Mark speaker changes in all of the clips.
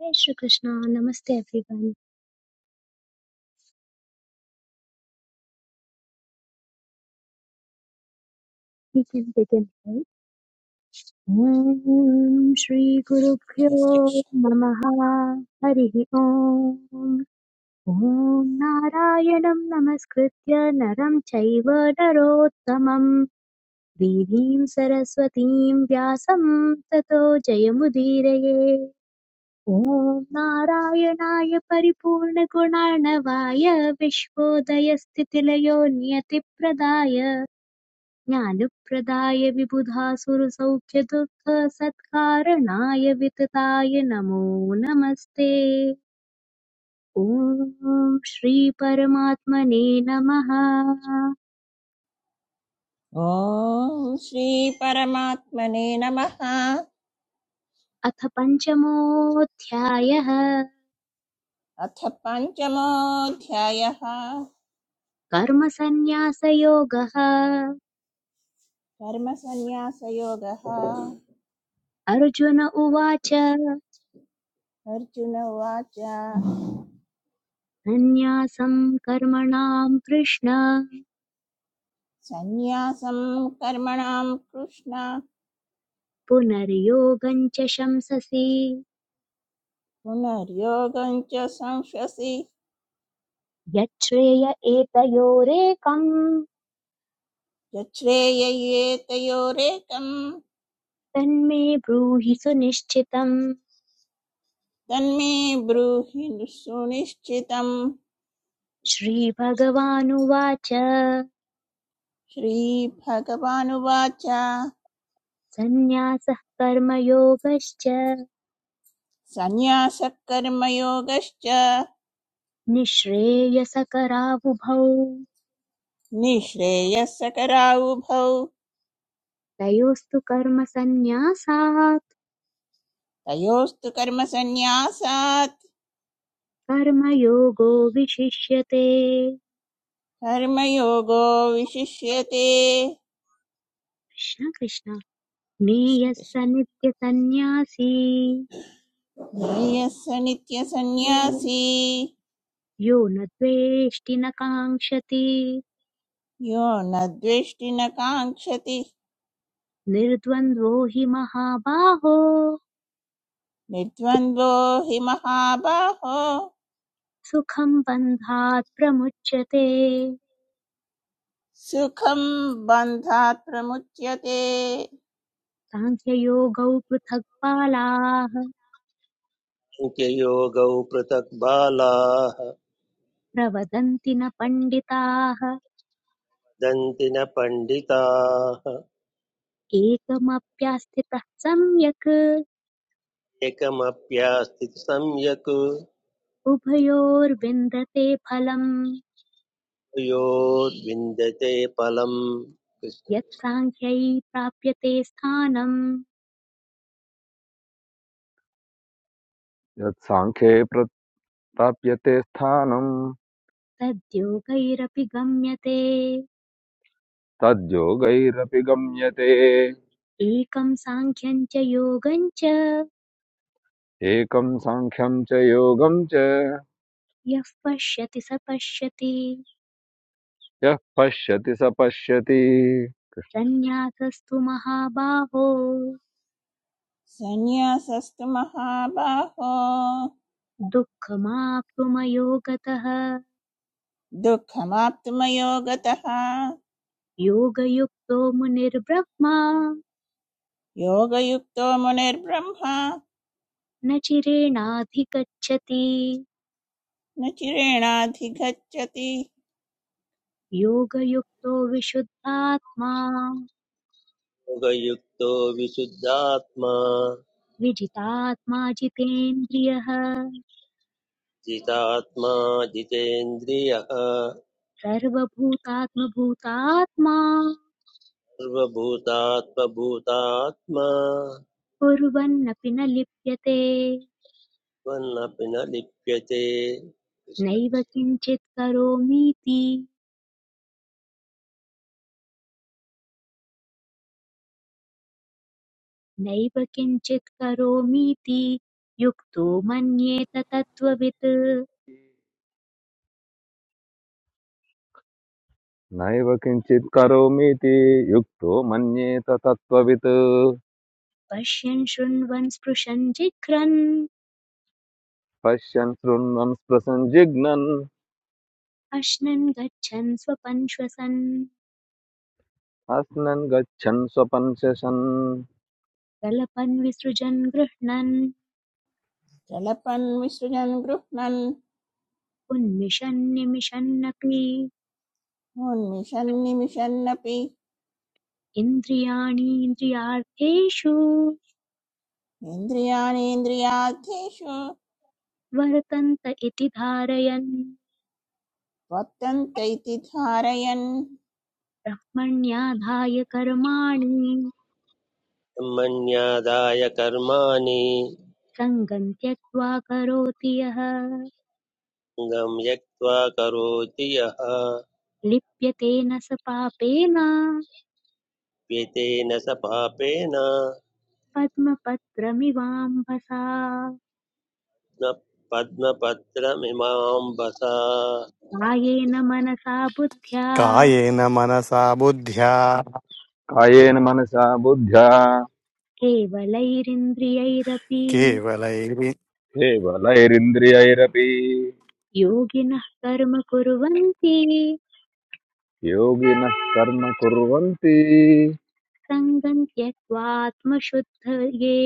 Speaker 1: Jai Shri Krishna, Namaste everyone. We can begin, right? Om Shri Guru
Speaker 2: जय Shri
Speaker 1: Pyo
Speaker 2: Krishna
Speaker 1: Namaha Harihi Om Om Narayanam Namaskritya Naram Chaiva Narottamam Devim Saraswatim Vyasam Tato Jayamudiraye ॐ नारायणाय परिपूर्णगुणार्णवाय विश्वोदयस्थितिलयो नियतिप्रदाय ज्ञानप्रदाय विबुधासुरसौख्यदुःखसत्कारणाय वितताय नमो नमस्ते ॐ श्रीपरमात्मने नमः
Speaker 2: ओम श्री परमात्मने नमः
Speaker 1: अथ पञ्चमोऽध्यायः
Speaker 2: अथ पञ्चमोऽध्यायः
Speaker 1: कर्मसन्न्यासयोगः
Speaker 2: कर्मसन्न्यासयोगः
Speaker 1: अर्जुन उवाच
Speaker 2: अर्जुन उवाच
Speaker 1: सन्न्यासं कर्मणां कृष्ण
Speaker 2: सन्न्यासं कर्मणां कृष्ण
Speaker 1: पुनर्योगं च शंससि
Speaker 2: पुनर्योगं च संश्वसि
Speaker 1: यच्छ्रेय एतयोरेकम्
Speaker 2: यच्छ्रेययेतयोरेकं
Speaker 1: तन्मे ब्रूहि सुनिश्चितम्
Speaker 2: तन्मे ब्रूहि सुनिश्चितम्
Speaker 1: श्रीभगवानुवाच
Speaker 2: श्रीभगवानुवाच
Speaker 1: सन्न्यासः कर्मयोगश्च
Speaker 2: सन्न्यासः कर्मयोगश्च
Speaker 1: निःश्रेयसकरावुभौ
Speaker 2: निःश्रेयःसकरावुभौ
Speaker 1: तयोस्तु कर्मसन्न्यासात्
Speaker 2: तयोस्तु कर्मसन्न्यासात्
Speaker 1: कर्मयोगो विशिष्यते
Speaker 2: कर्मयोगो विशिष्यते
Speaker 1: कृष्ण कृष्ण
Speaker 2: कृष्ण
Speaker 1: ज्ञेयः
Speaker 2: कृष्ण
Speaker 1: स नित्यसन्न्यासी
Speaker 2: ज्ञेयः स नित्यसन्न्यासी
Speaker 1: यो न द्वेष्टि न काङ्क्षति
Speaker 2: यो न द्वेष्टि न काङ्क्षति
Speaker 1: निर्द्वन्द्वो हि महाबाहो
Speaker 2: निर्द्वन्द्वो हि महाबाहो
Speaker 1: सुखं बन्धात् प्रमुच्यते
Speaker 2: सुखं बन्धात् प्रमुच्यते
Speaker 1: साङ्ख्ययोगौ पृथक्पालाः
Speaker 3: न्त्ययोगौ पृथक् बालाः
Speaker 1: प्रवदन्ति न पण्डिताः
Speaker 3: दन्ति न पण्डिताः
Speaker 1: एकमप्यास्थितः सम्यक्
Speaker 3: एकमप्यास्थिति सम्यक्
Speaker 1: उभयोर्विन्दते फलम्
Speaker 3: योद्विन्दते फलम्
Speaker 1: यत् साङ्ख्यै प्राप्यते स्थानं
Speaker 4: यत्साङ्ख्ये प्रप्यते स्थानं
Speaker 1: तद्योगैरपि गम्यते
Speaker 4: तद्योगैरपि गम्यते
Speaker 1: एकं साङ्ख्यं च योगं च
Speaker 4: एकं साङ्ख्यं च योगं च
Speaker 1: यः पश्यति स पश्यति
Speaker 4: यः पश्यति स पश्यति
Speaker 1: सन्न्यासस्तु महाबाहो
Speaker 2: सन्न्यासस्तु महाबाहो
Speaker 1: दुःखमाप्तुमयोगतः
Speaker 2: दुःखमाप्तुमयो गतः
Speaker 1: योगयुक्तो मुनिर्ब्रह्मा
Speaker 2: योगयुक्तो मुनिर्ब्रह्मा
Speaker 1: न चिरेणाधिगच्छति
Speaker 2: न चिरेणाधिगच्छति
Speaker 1: योगयुक्तो विशुद्धात्मा
Speaker 3: कृष्णयोगयुक्तो विशुद्धात्मा
Speaker 1: विजितात्मा जितेन्द्रियः
Speaker 3: जितात्मा जितेन्द्रियः
Speaker 1: सर्वभूतात्मभूतात्मा
Speaker 3: सर्वभूतात्मभूतात्मा
Speaker 1: कुर्वन्नपि न लिप्यते
Speaker 3: त्वन्नपि न लिप्यते कृष्ण
Speaker 1: नैव
Speaker 3: कृष्ण
Speaker 1: किञ्चित् करोमीति नैव किञ्चित् करोमीति युक्तो मन्येत तत्त्ववित्
Speaker 4: नैव किञ्चित् करोमीति युक्तो मन्येत तत्त्ववित्
Speaker 1: पश्यन् शृण्वन् स्पृशन् जिघ्रन्
Speaker 4: पश्यन् शृण्वन् स्पृशन् जिघ्नन्
Speaker 1: अश्नन् गच्छन् स्वपन् श्वसन्
Speaker 4: अस्नन् गच्छन् स्वपन् शशन्
Speaker 1: प्रलपन् विसृजन् गृह्णन्
Speaker 2: कलपन् विसृजन् गृह्णन्
Speaker 1: उन्मिषन् निमिषन्नपि
Speaker 2: उन्मिषन् निमिषन्नपि
Speaker 1: इन्द्रियाणीन्द्रियार्थेषु
Speaker 2: इन्द्रियाणीन्द्रियार्थेषु
Speaker 1: वर्तन्त इति धारयन्
Speaker 2: वर्तन्त इति धारयन्
Speaker 1: ब्रह्मण्याधाय कर्माणि
Speaker 3: ब्रह्मण्यादाय कर्माणि
Speaker 1: सङ्गम् त्यक्त्वा करोति यः
Speaker 3: गम्यक्त्वा करोति यः
Speaker 1: लिप्यते न स पापेन
Speaker 3: व्यतेन स पापेन
Speaker 1: पद्मपत्रमिवाम्भसा
Speaker 3: न पद्मपत्रमिमाम्बसा
Speaker 1: कायेन मनसा बुद्ध्या
Speaker 5: कायेन मनसा बुद्ध्या
Speaker 4: कायेन मनसा बुद्ध्या
Speaker 1: केवलैरिन्द्रियैरपि
Speaker 5: केवलैर्युक्तः
Speaker 4: केवलैरिन्द्रियैरपि
Speaker 1: योगिनः कर्म कुर्वन्ति
Speaker 4: योगिनः कर्म कुर्वन्ति
Speaker 1: सङ्गम् त्यक्त्वात्मशुद्धये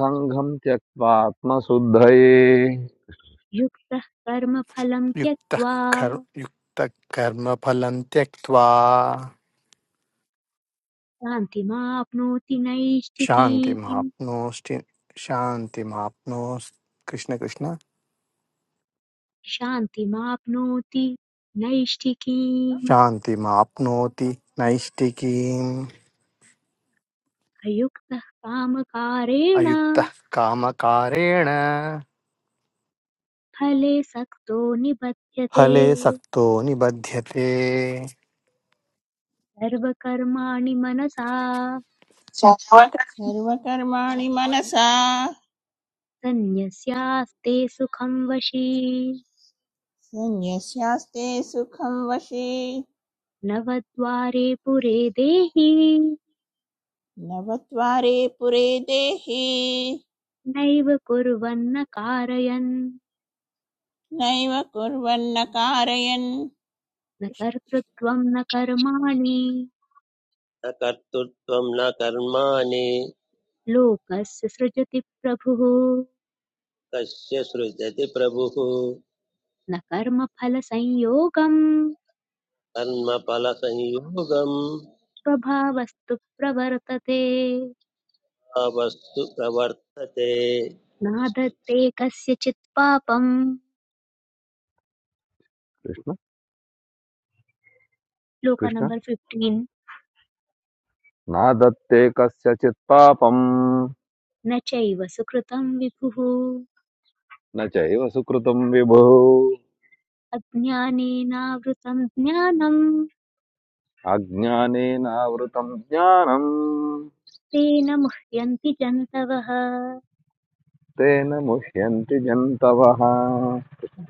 Speaker 4: सङ्घम् त्यक्त्वात्मशुद्धये
Speaker 1: युक्तः कर्म फलम् त्यक्त्वा
Speaker 5: कर् युक्तः कर्मफलं त्यक्त्वा
Speaker 1: शान्तिमाप्नोति नैष्ठिकीम्
Speaker 5: शान्तिमाप्नोष्टि शान्तिमाप्नोस् कृष्ण कृष्ण
Speaker 1: शान्तिमाप्नोति नैष्ठिकीम्
Speaker 5: शान्तिमाप्नोति नैष्टिकीम्
Speaker 1: अयुक्तः कामकारेण
Speaker 5: अयुक्तः कामकारेण
Speaker 1: फले सक्तो निबध्यते
Speaker 5: फले सक्तो निबध्यते
Speaker 1: सर्वकर्माणि मनसा
Speaker 2: सर्वकर्माणि मनसा
Speaker 1: सन्न्यस्यास्ते सुखं वशी
Speaker 2: शून्यस्यास्ते सुखं वशे
Speaker 1: नवद्वारे पुरे देहि
Speaker 2: नवत्वारे पुरे देहि
Speaker 1: नैव कुर्वन्न कारयन्
Speaker 2: नैव कुर्वन्न कारयन्
Speaker 1: न कर्तृत्वं न कर्माणि
Speaker 3: न कर्तृत्वं न कर्माणि
Speaker 1: लोकस्य सृजति प्रभुः
Speaker 3: कस्य सृजति प्रभुः
Speaker 1: न कर्मफलसंयोगं
Speaker 3: कर्मफलसंयोगं
Speaker 1: स्वभावस्तु प्रवर्तते
Speaker 3: वस्तु प्रवर्तते
Speaker 1: नादत्ते
Speaker 3: कृष्णविद्या
Speaker 1: कस्यचित् पापम्
Speaker 4: कृष्ण
Speaker 1: श्लोक
Speaker 4: कृष्ण
Speaker 1: नम्बर् फिफ्टीन्
Speaker 4: न दत्ते कस्यचित् पापम्
Speaker 1: न चैव सुकृतं विभुः
Speaker 4: न चैव सुकृतम् विभुः
Speaker 1: अज्ञानेनावृतं ज्ञानम्
Speaker 4: अज्ञानेनावृतम् ज्ञानम्
Speaker 1: तेन मुह्यन्ति जन्तवः
Speaker 4: तेन मुह्यन्ति जन्तवः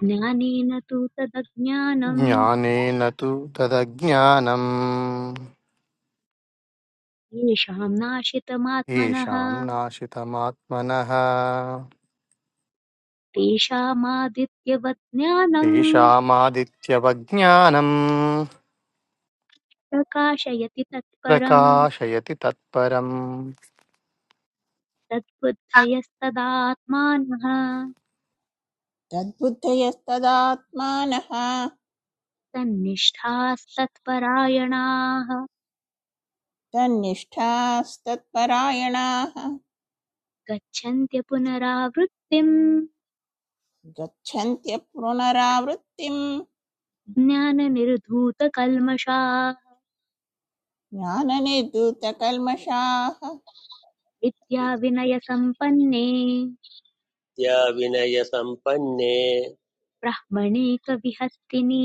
Speaker 1: ज्ञानेन तु तदज्ञानम्
Speaker 5: ज्ञानेन तु तदज्ञानम्
Speaker 1: येषाम् नाशितमात्मनः
Speaker 5: येषाम् नाशितमात्मनः
Speaker 1: तेषामादित्यवत् ज्ञानम्
Speaker 5: तेषामादित्यवज्ञानम्
Speaker 1: प्रकाशयति तत्परम्
Speaker 5: प्रकाशयति तत्परम्
Speaker 1: तद्बुद्धयस्तदात्मानः
Speaker 2: तद्बुद्धयस्तदात्मानः
Speaker 1: तन्निष्ठास्तत्परायणाः
Speaker 2: तन्निष्ठास्तत्परायणाः
Speaker 1: गच्छन्त्य पुनरावृत्तिम्
Speaker 2: गच्छन्त्य पुनरावृत्तिम्
Speaker 1: ज्ञाननिर्धूतकल्मषाः
Speaker 2: ज्ञाननिर्धूतकल्मषाः
Speaker 1: विद्याविनयसम्पन्ने
Speaker 3: विनयसम्पन्ने
Speaker 1: ब्राह्मणेकविहस्तिनि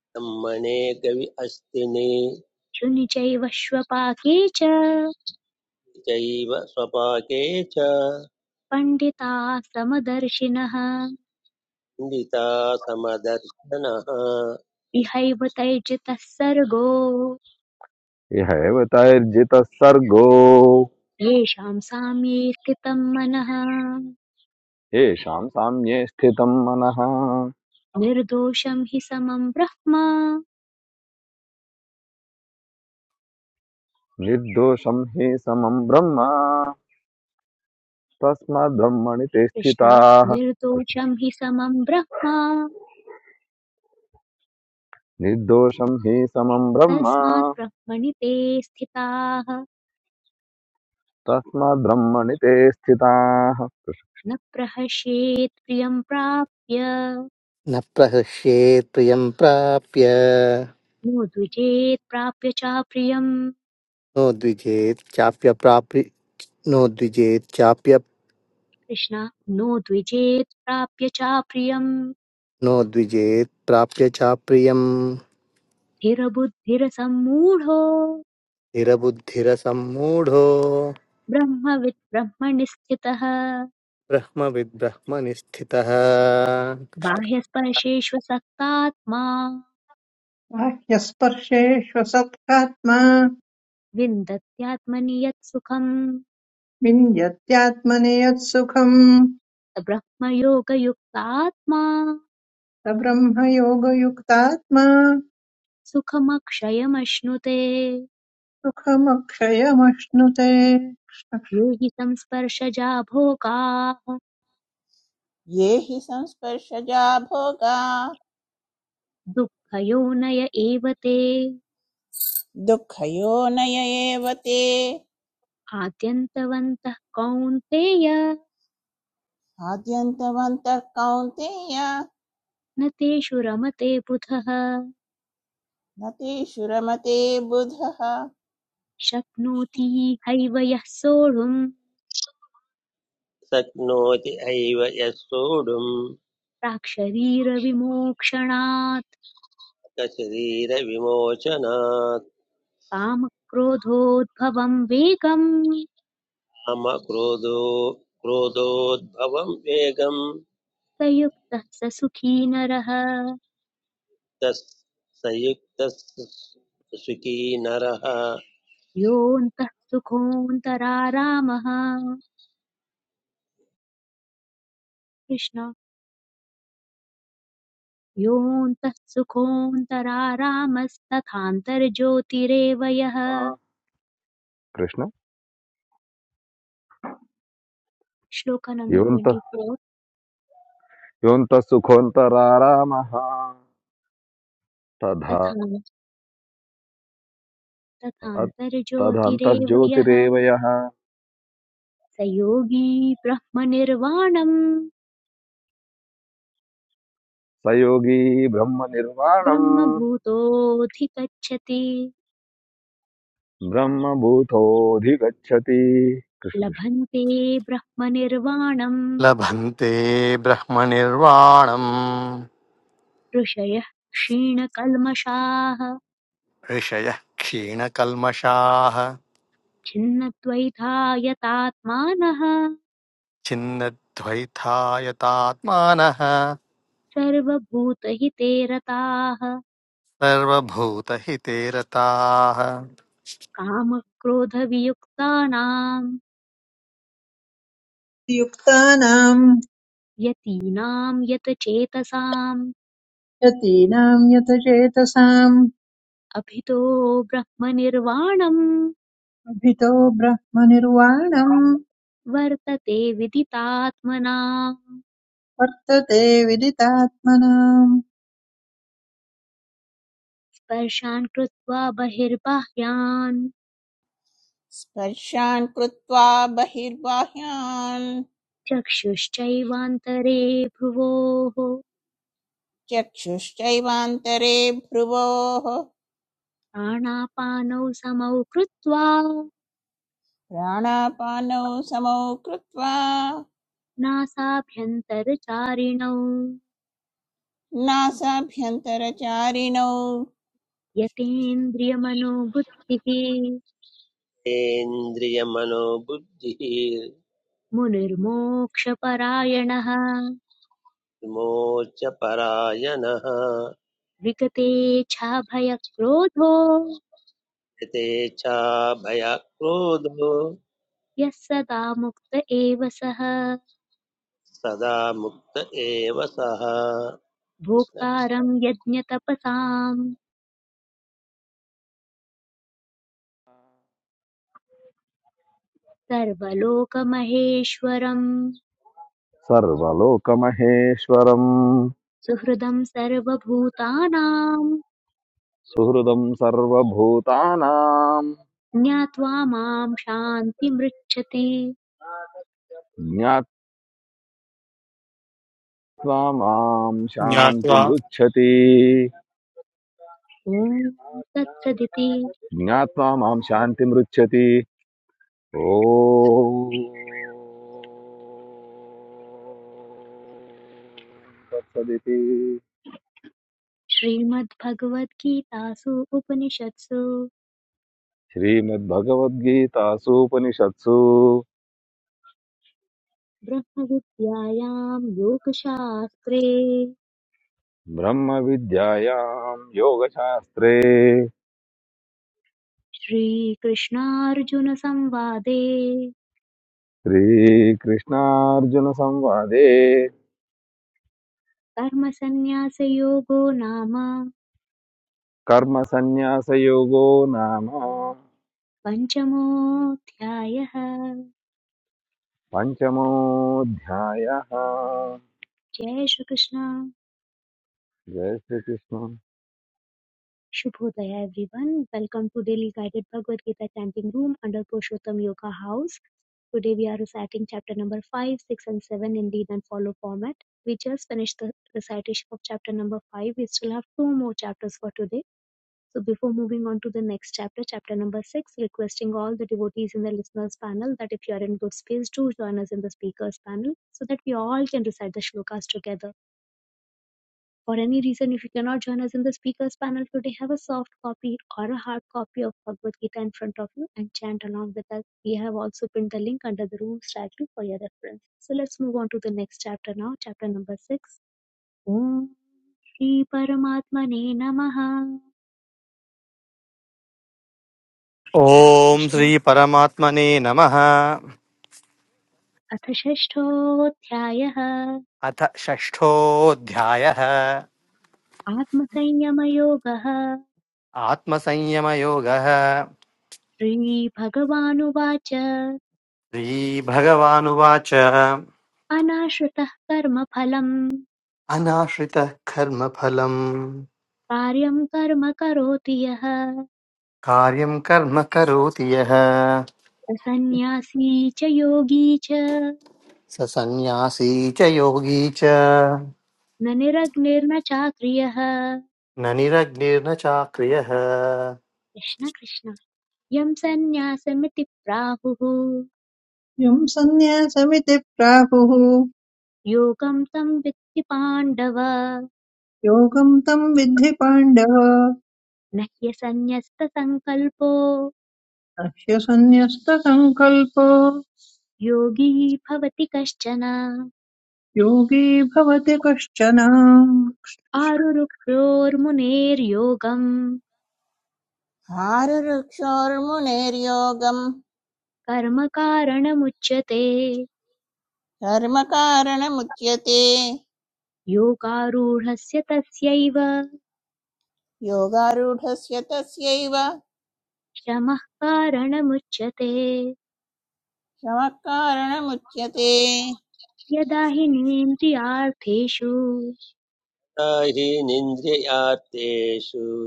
Speaker 3: ब्रह्मणे कवि अस्तिनि
Speaker 1: शुनि चैव श्वपाके च
Speaker 3: चैव स्वपाके च
Speaker 1: पण्डिताः समदर्शिनः
Speaker 3: निता समदर्शनः
Speaker 1: इहैव तैर्जितः सर्गो
Speaker 4: इह एव तैर्जितः सर्गो
Speaker 1: येषाम् साम्ये स्थितम् मनः
Speaker 4: येषाम् साम्ये स्थितम् मनः
Speaker 1: निर्दोषम् हि समम् ब्रह्म
Speaker 4: निर्दोषम् हि समम् ब्रह्म तस्माद्ब्रह्मणि ते
Speaker 1: कृष्ण
Speaker 4: स्थिताः
Speaker 1: निर्दोषम् हि समम् ब्रह्म
Speaker 4: निर्दोषं हि समं ब्रह्म
Speaker 1: तस्मात् ब्रह्मणि ते स्थिताः
Speaker 4: तस्मात् ब्रह्मणि ते स्थिताः
Speaker 1: न प्रहस्येत् प्रियम् प्राप्य
Speaker 5: न प्रहृष्येत् प्रियं प्राप्य
Speaker 1: नो द्विजेत् प्राप्य च प्रियम्
Speaker 5: नो द्विजेत् चाप्य प्राप्य नो द्विजेत् चाप्य
Speaker 1: कृष्ण नो द्विजेत् प्राप्य च प्रियम्
Speaker 5: नो द्विजेत् प्राप्य चाप्रियम्
Speaker 1: स्थिरबुद्धिरसम्मूढो
Speaker 5: स्थिरबुद्धिरसम्मूढो
Speaker 1: ब्रह्मवित् ब्रह्मणि स्थितः
Speaker 5: ब्रह्मविद्ब्रह्मनिस्थितः
Speaker 1: बाह्यस्पर्शेष्व सक्तात्मा
Speaker 6: बाह्यस्पर्शेष्वसत्कात्मा
Speaker 1: विन्दत्यात्मनि यत् सुखम्
Speaker 6: विन्दत्यात्मने यत्सुखम्
Speaker 1: स ब्रह्मयोगयुक्तात्मा
Speaker 6: स ब्रह्मयोगयुक्तात्मा
Speaker 1: सुखमक्षयमश्नुते
Speaker 6: सुखमक्षयमश्नुते
Speaker 1: यो हि संस्पर्शजा भोगाः
Speaker 2: ये हि संस्पर्शजा भोगा
Speaker 1: दुःखयोनय एव ते
Speaker 2: दुःखयोनय एव ते
Speaker 1: आद्यन्तवन्तः कौन्तेय
Speaker 2: आद्यन्तवन्तः कौन्तेय
Speaker 1: न तेषु रमते पृथः
Speaker 2: न तेषु रमते बुधः
Speaker 1: शक्नोति हैव यः सोढुम्
Speaker 3: शक्नोति एव यः सोढुम्
Speaker 1: प्राक्शरीरविमोक्षणात्
Speaker 3: शरीरविमोचनात्
Speaker 1: कामक्रोधोद्भवम् वेगम्
Speaker 3: कामक्रोधो क्रोधोद्भवं वेगं
Speaker 1: स युक्तः स सुखी नरः
Speaker 3: तस् संयुक्तः सुखी नरः
Speaker 1: योऽन्तः सुखोऽन्तरारामः कृष्ण योऽन्तः सुखोऽन्तरारामस्तथान्तर्ज्योतिरेव यः
Speaker 4: कृष्ण
Speaker 1: श्लोक नंबर
Speaker 4: युवन्त
Speaker 1: 24
Speaker 4: युवन्तः सुखोऽन्तरारामः तथा
Speaker 1: तथा तथान्तर्ज्योतिरेव यः
Speaker 4: तदन्तर्ज्योतिरेव यः
Speaker 1: स योगी ब्रह्मनिर्वाणम्
Speaker 4: स योगी ब्रह्मनिर्वाणम्
Speaker 1: ब्रह्मभूतोऽधिगच्छति
Speaker 4: ब्रह्मभूतोऽधिगच्छति कृष्णकृष्ण
Speaker 1: लभन्ते ब्रह्मनिर्वाणम्
Speaker 5: लभन्ते ब्रह्मनिर्वाणम्
Speaker 1: ऋषयः क्षीणकल्मषाः
Speaker 5: ऋषयः क्षीणकल्मषाः
Speaker 1: छिन्नद्वैधायतात्मानः
Speaker 5: छिन्नद्वैतायतात्मानः
Speaker 1: सर्वभूतहिते रताः
Speaker 5: सर्वभूतहिते रताः
Speaker 1: कामक्रोधवियुक्तानाम्
Speaker 6: युक्तानाम्
Speaker 1: यतीनाम् यतचेतसाम्
Speaker 6: यतीनाम् यतचेतसाम्
Speaker 1: अभितो ब्रह्मनिर्वाणं
Speaker 6: अभितो ब्रह्मनिर्वाणम्
Speaker 1: वर्तते विदितात्मनाम्
Speaker 6: वर्तते विदितात्मनाम्
Speaker 1: स्पर्शान् कृत्वा बहिर्बाह्यान्
Speaker 2: स्पर्शान् कृत्वा बहिर्बाह्यान्
Speaker 1: चक्षुश्चैवान्तरे भ्रुवोः
Speaker 2: चक्षुश्चैवान्तरे भ्रुवोः
Speaker 1: प्राणापानौ समौ कृत्वा
Speaker 2: प्राणापानौ समौ कृत्वा
Speaker 1: नासाभ्यन्तरचारिणौ
Speaker 2: नासाभ्यन्तरचारिणौ
Speaker 1: यतेन्द्रियमनोबुद्धिः
Speaker 3: इन्द्रियमनोबुद्धिः
Speaker 1: मुनिर्मोक्षपरायणः
Speaker 3: विमोचपरायणः
Speaker 1: विगते छाभयक्रोधो
Speaker 3: यथेच्छा भयक्रोधो
Speaker 1: यः सदा मुक्त एव सः
Speaker 3: सदा मुक्त एव सः कृष्णकृष्ण
Speaker 1: भोक्तारं यज्ञतपसाम् सर्वलोकमहेश्वरम्
Speaker 4: सर्वलोकमहेश्वरम्
Speaker 1: सुहृदं सर्वभूतानां
Speaker 4: सुहृदम् सर्वभूतानाम्
Speaker 1: ज्ञात्वा मां शान्तिमृच्छति
Speaker 4: ज्ञात्वा माम्
Speaker 5: ज्ञात्वा
Speaker 4: शान्तिमृच्छति
Speaker 1: ॐ तत्सदिति
Speaker 4: మ్యాత్నామాం శాంటి మ్రుచ్యతి
Speaker 1: श्रीमद्भगवद्गीतासु उपनिषत्सु ब्रह्मविद्यायां योगशास्त्रे
Speaker 4: మ్రామా విద్యాయాం యోగశాస్రే
Speaker 1: श्रीकृष्णार्जुनसंवादे
Speaker 4: కృకృష్నా అర్యన సంగ్వాదే
Speaker 1: कर्मसन्न्यासयोगो नाम
Speaker 4: కర్మ సన్యాసయోగో నామా
Speaker 1: पञ्चमोऽध्यायः
Speaker 4: పంచమో ధ్యాయాం
Speaker 1: जय Shri Krishna
Speaker 4: guys
Speaker 1: Shubhodaya everyone. Welcome to Daily Guided Bhagavad Gita Chanting Room under Purushottam Yoga House. Today we are reciting chapter number 5, 6 and 7 in lead and follow format. We just finished the recitation of chapter number 5. We still have two more chapters for today. So before moving on to the next chapter, chapter number 6, requesting all the devotees in the listeners panel that if you are in good space, do join us in the speakers panel so that we all can recite the shlokas together. For any reason, if you cannot join us in the speakers panel today, have a soft copy or a hard copy of Bhagavad Gita in front of you and chant along with us. We have also pinned the link under the room's title for your reference. So let's move on to the next chapter now, chapter number six. Om Shri Paramatmane Namaha
Speaker 5: ॐ
Speaker 1: Krishna
Speaker 5: श्रीपरमात्मने नमः
Speaker 1: अथ षष्ठोऽध्यायः
Speaker 5: अथ षष्ठोऽध्यायः
Speaker 1: आत्मसंयमयोगः
Speaker 5: आत्मसंयमयोगः
Speaker 1: श्रीभगवानुवाच
Speaker 5: श्रीभगवानुवाच
Speaker 1: अनाश्रितः कर्मफलम्
Speaker 5: अनाश्रितः कर्मफलम्
Speaker 1: कार्यं कर्म करोति यः
Speaker 5: कार्यं कर्म करोति यः
Speaker 1: सन्न्यासी च योगी च
Speaker 5: स सन्न्यासी च योगी च
Speaker 1: न निरग्निर्न चाक्रियः
Speaker 5: न निरग्निर्न चाक्रियः
Speaker 1: कृष्ण कृष्ण यं सन्न्यासमिति प्राहुः
Speaker 6: यम् सन्न्यासमिति प्राहुः
Speaker 1: योगं तं वित्ति पाण्डव
Speaker 6: योगम् तम् विद्धि पाण्डव
Speaker 1: न ह्यसन्न्यस्तसङ्कल्पो
Speaker 6: नह्यसन्न्यस्तसङ्कल्पो
Speaker 1: योगी भवति कश्चन
Speaker 6: योगी भवति कश्चन
Speaker 1: आरुरुक्षोर्मुनेर्योगम्
Speaker 2: आरुरुक्षोर्मुनेर्योगम्
Speaker 1: कर्मकारणमुच्यते
Speaker 2: कर्मकारणमुच्यते
Speaker 1: योगारूढस्य तस्यैव
Speaker 2: योगारूढस्य तस्यैव
Speaker 1: शमः कारणमुच्यते
Speaker 2: शमः कारणमुच्यते
Speaker 1: यदा हि नेन्द्रियार्थेषु
Speaker 3: हि निन्द्रियार्थेषु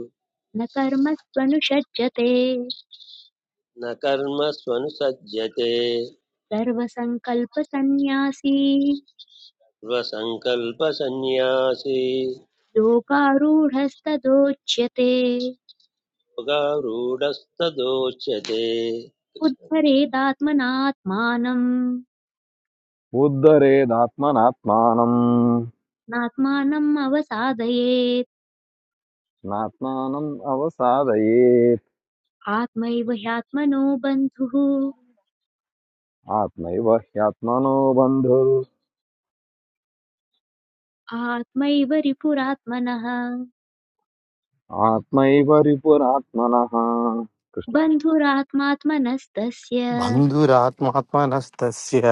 Speaker 1: न कर्मत्वनुषज्जते
Speaker 3: न कर्मस्वनुसज्जते
Speaker 1: सर्वसङ्कल्पसन्न्यासी
Speaker 3: स्वसङ्कल्पसन्न्यासी
Speaker 1: योगारूढस्तदोच्यते
Speaker 3: योगारूढस्तदोच्यते कृष्ण।
Speaker 1: उद्धरेदात्मनात्मानम्
Speaker 4: ఉద్ధరేదాత్మనాత్మానం
Speaker 1: नात्मानम् अवसादयेत्
Speaker 4: నాత్మానం అవసాదయేత్
Speaker 1: आत्मैव ह्यात्मनो बन्धुः
Speaker 4: ఆత్మైవ హ్యాత్మనో బంధు
Speaker 1: आत्मैव रिपुरात्मनः
Speaker 4: ఆత్మైవ రిపురాత్మన కృష్ణ
Speaker 1: बन्धुरात्मात्मनस्तस्य
Speaker 5: बन्धुरात्मात्मनस्तस्य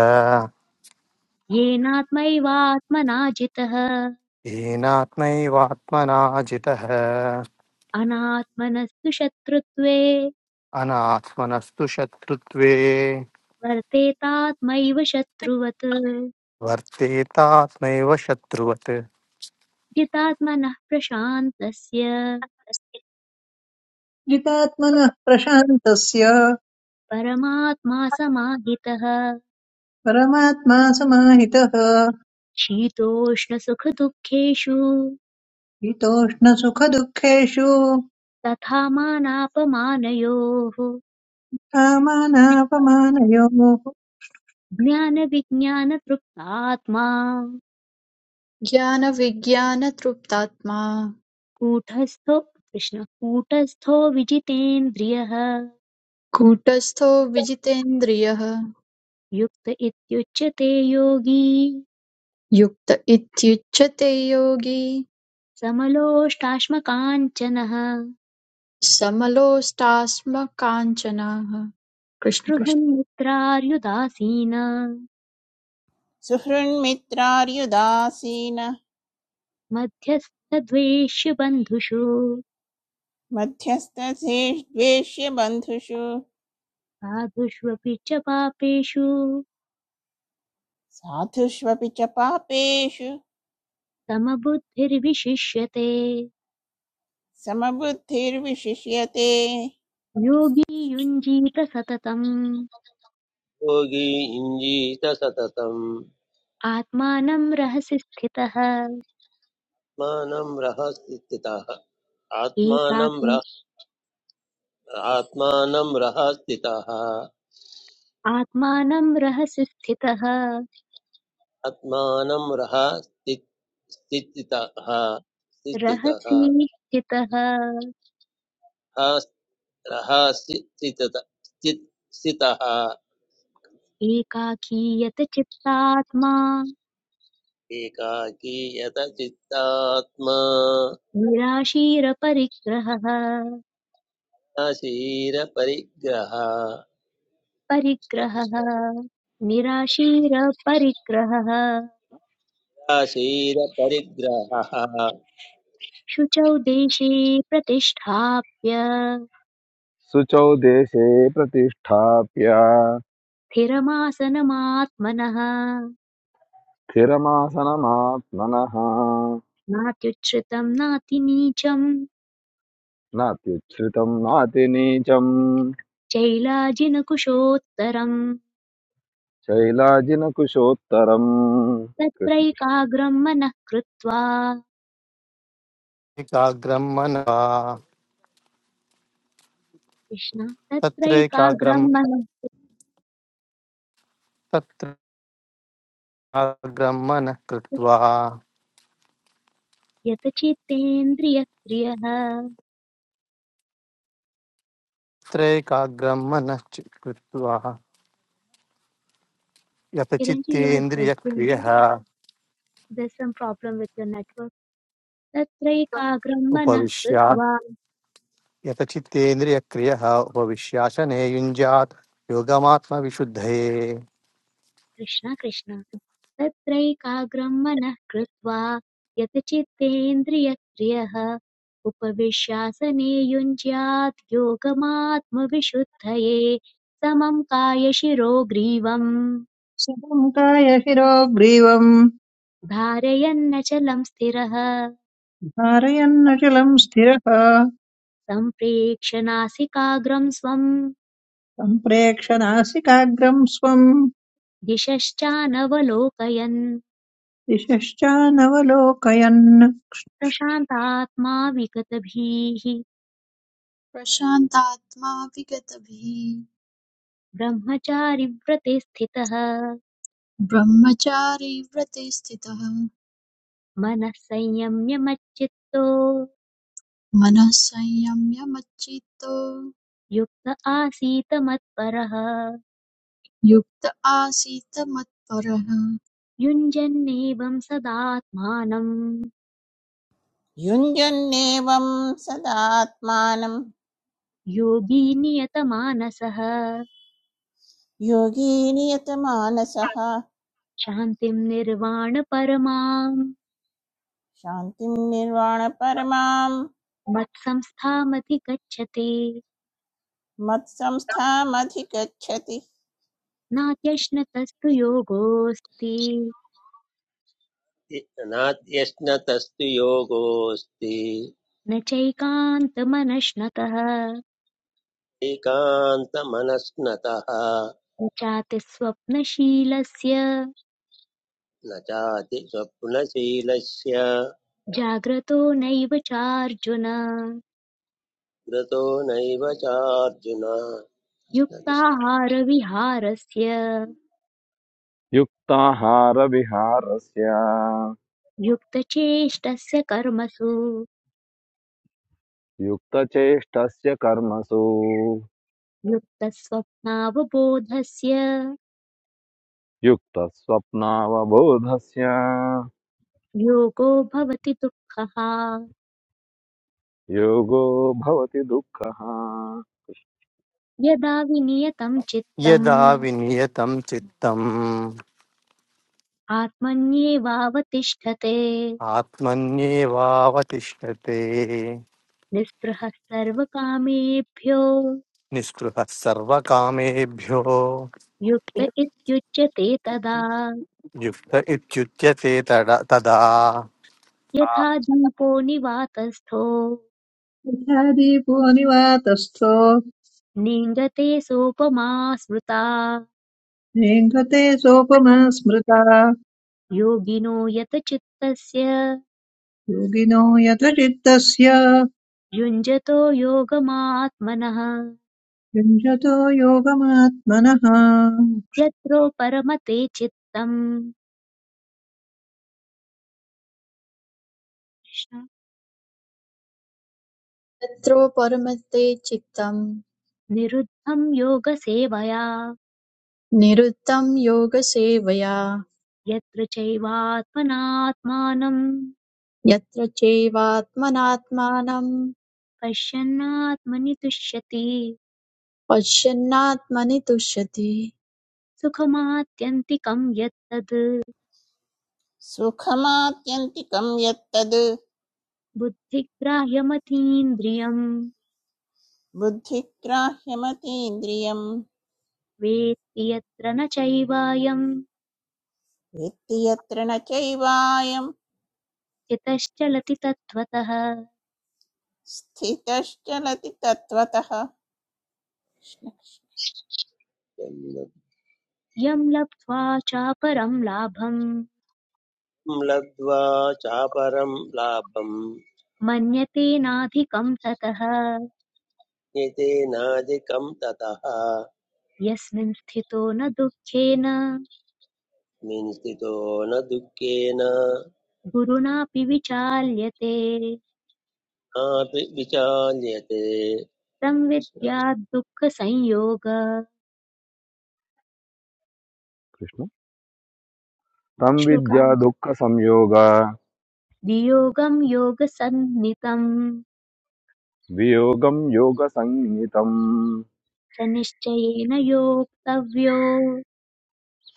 Speaker 1: येनात्मैवात्मना जितः
Speaker 5: येनात्मैवात्मना जितः
Speaker 1: अनात्मनस्तु शत्रुत्वे
Speaker 5: अनात्मनस्तु शत्रुत्वे
Speaker 1: वर्तेतात्मैव शत्रुवत्
Speaker 5: वर्तेतात्मैव शत्रुवत्
Speaker 1: जितात्मनः प्रशान्तस्य
Speaker 6: जितात्मनः प्रशान्तस्य
Speaker 1: परमात्मा समाहितः
Speaker 6: परमात्मा समाहितः
Speaker 1: शीतोष्णसुखदुःखेषु
Speaker 6: हितोष्णसुखदुःखेषु
Speaker 1: तथा मानापमानयोः
Speaker 6: कामानापमानयोः
Speaker 1: ज्ञानविज्ञानतृप्तात्मा
Speaker 7: ज्ञानविज्ञानतृप्तात्मा
Speaker 1: कूटस्थो कृष्ण कूटस्थो विजितेन्द्रियः
Speaker 7: कूटस्थो विजितेन्द्रियः
Speaker 1: युक्त इत्युच्यते योगी
Speaker 7: युक्त इत्युच्यते योगी
Speaker 1: समलोष्टाश्मकाञ्चनः
Speaker 7: समलोष्टास्म काञ्चनाः कृष्ण कृष्ण
Speaker 1: गृहन्मित्रार्युदासीना
Speaker 2: सुहृन्मित्रार्युदासीन
Speaker 1: मध्यस्थद्वेष्यबन्धुषु
Speaker 2: मध्यस्थसेष्वेष्य बन्धुषु
Speaker 1: साधुष्वपि च पापेषु
Speaker 2: साधुष्वपि च पापेषु
Speaker 1: समबुद्धिर्विशिष्यते
Speaker 2: समबुद्धिर्विशिष्यते
Speaker 1: योगी युञ्जीत सततम्
Speaker 3: योगी इञ्जीत सततम्
Speaker 1: आत्मानं रहसि स्थितः
Speaker 3: मानं रः स्थितः आत्मानं
Speaker 1: एकाकी
Speaker 3: रः आत्मानं रः स्थितः
Speaker 1: आत्मानं रहसि स्थितः
Speaker 3: आत्मानं रः स्थि- स्थितः स्थितः
Speaker 1: रहसि स्थितः
Speaker 3: रः स्थि- स्थितः स्थितः
Speaker 1: एकाकीयत चित्तात्मा
Speaker 3: एकाकी यत चित्तात्मा
Speaker 1: निराशीरपरिग्रहः
Speaker 3: शीरपरिग्रह
Speaker 1: परिग्रहः निराशीरपरिग्रहः
Speaker 3: शीरपरिग्रहः
Speaker 1: शुचौ देशे प्रतिष्ठाप्य
Speaker 4: శుచౌ దేశే ప్రతిష్టాప్య
Speaker 1: स्थिरमासनमात्मनः
Speaker 4: స్థిరమాసనమాత్మన
Speaker 1: नात्युच्छ्रितम् नातिनीचम्
Speaker 4: నాత్యుచ్ఛ్రితం నాతి నీచం
Speaker 1: चैलाजिनकुशोत्तरम्
Speaker 4: శైలాజిన కుశోత్తరం కృష్ణ కృష్ణ
Speaker 1: तत्रैकाग्रम् मनः कृत्वा
Speaker 5: एकाग्रं मनः
Speaker 1: कृष्ण
Speaker 5: तत्रैकाग्रं
Speaker 1: तत्रैकाग्रम् मनः
Speaker 5: तत्रैकाग्रं मनः कृत्वा
Speaker 1: यत चित्तेन्द्रियक्रियः
Speaker 5: तत्रैकाग्रं मनश्च कृत्वा यत
Speaker 1: चिरञ्जीवी यु आर् ब्रोकिङ्ग्
Speaker 5: चित्तेन्द्रियक्रियः
Speaker 1: there some problem with your network तत्रैकाग्रम् मनः कृत्वा
Speaker 5: यतचित्तेन्द्रियक्रियः उपविश्यासने युञ्जात् योगमात्मविशुद्धये
Speaker 1: कृष्ण कृष्ण तत्रैकाग्रं मनः कृत्वा यत् चित्तेन्द्रियक्रियः उपविश्यासने युञ्ज्यात् योगमात्मविशुद्धये समं कायशिरो ग्रीवम्
Speaker 6: सुखम् काय शिरो ग्रीवम्
Speaker 1: धारयन्नचलं स्थिरः
Speaker 6: धारयन्नचलम् स्थिरः
Speaker 1: सम्प्रेक्ष्य नासिकाग्रं स्वं
Speaker 6: सम्प्रेक्ष नासिकाग्रम् स्वम्
Speaker 1: दिशश्चानवलोकयन्
Speaker 6: दिशश्चानवलोकयन्
Speaker 1: प्रशान्तात्मा विगतभीः
Speaker 7: प्रशान्तात्मा विगतभिः
Speaker 1: ब्रह्मचारिव्रते स्थितः
Speaker 7: ब्रह्मचारी व्रते स्थितः
Speaker 1: मनः संयम्य मच्चित्तो
Speaker 7: मनः संयम्य मच्चित्तो
Speaker 1: युक्त आसीत मत्परः
Speaker 7: युक्त आसीत् मत्परः
Speaker 1: युञ्जन्नेवं सदात्मानं
Speaker 2: युञ्जन्नेवं सदात्मानं
Speaker 1: योगी नियतमानसः
Speaker 2: योगी नियतमानसः
Speaker 1: शान्तिं निर्वाणपरमाम्
Speaker 2: शान्तिं निर्वाणपरमां
Speaker 1: मत्संस्थामधि गच्छति
Speaker 2: मत्संस्थामधिगच्छति
Speaker 1: नात्यश्नतस्तु योगोऽस्ति
Speaker 3: नाद्यश्नतस्तु योगोऽस्ति
Speaker 1: न चैकान्तमनश्नतः
Speaker 3: एकान्तमनस्नतः
Speaker 1: न चाति
Speaker 3: न चाति स्वप्नशीलस्य
Speaker 1: जाग्रतो नैव चार्जुन
Speaker 3: कृतो नैव चार्जुन कृष्णकृष्ण
Speaker 1: युक्ताहारविहारस्य
Speaker 4: యుక్తాహార విహారస్య
Speaker 1: युक्तचेष्टस्य कर्मसु
Speaker 4: యుక్తచేష్టస్య కర్మసు
Speaker 1: युक्तस्वप्नावबोधस्य
Speaker 4: युक्तस्वप्नावबोधस्य
Speaker 1: योगो भवति दुःखः
Speaker 4: योगो भवति दुःखः
Speaker 1: यदा विनियतं चित्तम्
Speaker 5: यदा विनियतं चित्तम्
Speaker 1: आत्मन्येवावतिष्ठते
Speaker 5: आत्मन्येवावतिष्ठते
Speaker 1: निःस्पृहः सर्वकामेभ्यो
Speaker 5: निःस्पृहः सर्वकामेभ्यो
Speaker 1: युक्त इत्युच्यते तदा
Speaker 5: युक्त इत्युच्यते तड- तदा
Speaker 1: यथा दीपो निवातस्थो
Speaker 6: यथा दीपो निवातस्थो
Speaker 1: नीङ्गते सोपमा स्मृता
Speaker 6: नेङ्गते सोपमा स्मृता
Speaker 1: योगिनो यत यतचित्तस्य
Speaker 6: योगिनो यतचित्तस्य
Speaker 1: युञ्जतो योगमात्मनः
Speaker 6: युञ्जतो योगमात्मनः
Speaker 1: यत्रो परमते चित्तम् कृष्ण।
Speaker 7: तत्रो परमते चित्तम्
Speaker 1: निरुद्धं योगसेवया
Speaker 7: निरुद्धं योगसेवया
Speaker 1: यत्र चैवात्मनात्मानं
Speaker 7: यत्र चैवात्मनात्मानं
Speaker 1: पश्यन्नात्मनि तुष्यति
Speaker 7: पश्यन्नात्मनि तुष्यति
Speaker 1: सुखमात्यन्तिकं यत्तद्
Speaker 2: सुखमात्यन्तिकं यत्तद्
Speaker 1: बुद्धिग्राह्यमतीन्द्रियम्
Speaker 2: बुद्धिग्राह्यमतीन्द्रियं
Speaker 1: वेत्ति यत्र न चैवायं
Speaker 2: वेत्ति यत्र न चैवायं
Speaker 1: चितश्चलति तत्त्वतः
Speaker 2: स्थितश्चलति तत्त्वतः
Speaker 1: यं लब्ध्वा चापरं लाभं
Speaker 3: लब्ध्वा चापरं लाभं
Speaker 1: मन्यते नाधिकं ततः
Speaker 3: एतेनादिकं ततः
Speaker 1: यस्मिन् स्थितो न दुःखेन
Speaker 3: मिंसितो न दुःखेन
Speaker 1: गुरुणापि विचाल्यते
Speaker 3: नापि विचाल्यते
Speaker 1: संविद्याद् दुःखसंयोग
Speaker 4: कृष्ण तं विद्या
Speaker 1: श्लोकं
Speaker 4: दुःखसंयोग
Speaker 1: वियोगं योगसन्नितं
Speaker 4: वियोगं योगसंज्ञितम्
Speaker 1: स निश्चयेन योक्तव्यो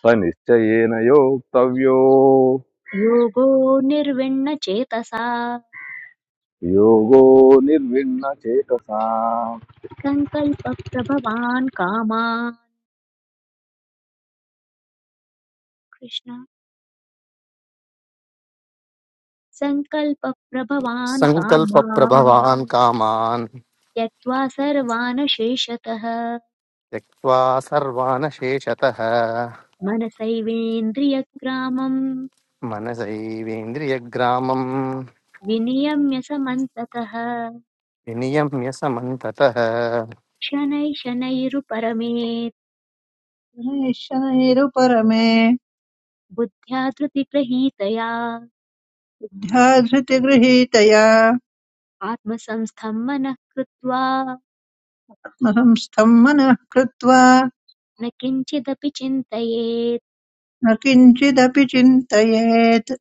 Speaker 4: स निश्चयेन योक्तव्यो
Speaker 1: योगो निर्विण्णचेतसा
Speaker 4: योगो निर्विण्णचेतसा
Speaker 1: सङ्कल्पप्रभवान् कामात् कृष्ण सङ्कल्पप्रभवान् कामान्
Speaker 5: सङ्कल्पप्रभवान् कामान्
Speaker 1: त्यक्त्वा सर्वान् शेषतः
Speaker 5: त्यक्त्वा सर्वानशेषतः
Speaker 1: मनसैवेन्द्रियग्रामम्
Speaker 5: मनसैवेन्द्रियग्रामम्
Speaker 1: विनियम्य समन्ततः
Speaker 5: विनियम्य समन्ततः
Speaker 1: शनैः शनैरुपरमेत्
Speaker 6: शनैश्शनैरुपरमे
Speaker 1: बुद्ध्या धृतिगृहीतया
Speaker 6: ध्याधृतिगृहीतया
Speaker 1: आत्मसंस्थं मनः कृत्वा
Speaker 6: आत्मसंस्थम् मनः कृत्वा
Speaker 1: न किञ्चिदपि चिन्तयेत्
Speaker 6: न किञ्चिदपि चिन्तयेत्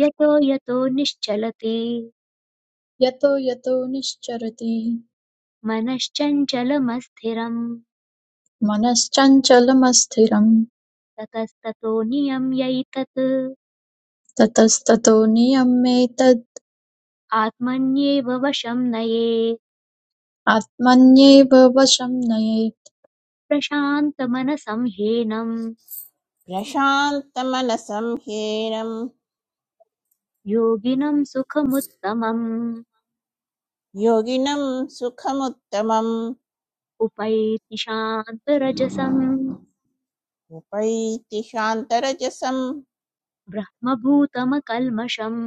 Speaker 1: यतो यतो निश्चलति
Speaker 7: यतो यतो निश्चरति
Speaker 1: मनश्चञ्चलमस्थिरम्
Speaker 7: मनश्चञ्चलमस्थिरं
Speaker 1: ततस्ततो नियम्यैतत्
Speaker 7: ततस्ततो नियम्येतद्
Speaker 1: आत्मन्येव वशं नये
Speaker 7: आत्मन्येव वशं नयेत्
Speaker 1: प्रशान्तमनसं ह्येनं
Speaker 2: प्रशान्तमनसं ह्येनं
Speaker 1: योगिनं सुखमुत्तमम्
Speaker 2: योगिनं सुखमुत्तमम्
Speaker 1: उपैति शान्तरजसं
Speaker 2: उपैतिशान्तरजसं
Speaker 1: ब्रह्मभूतमकल्मषम्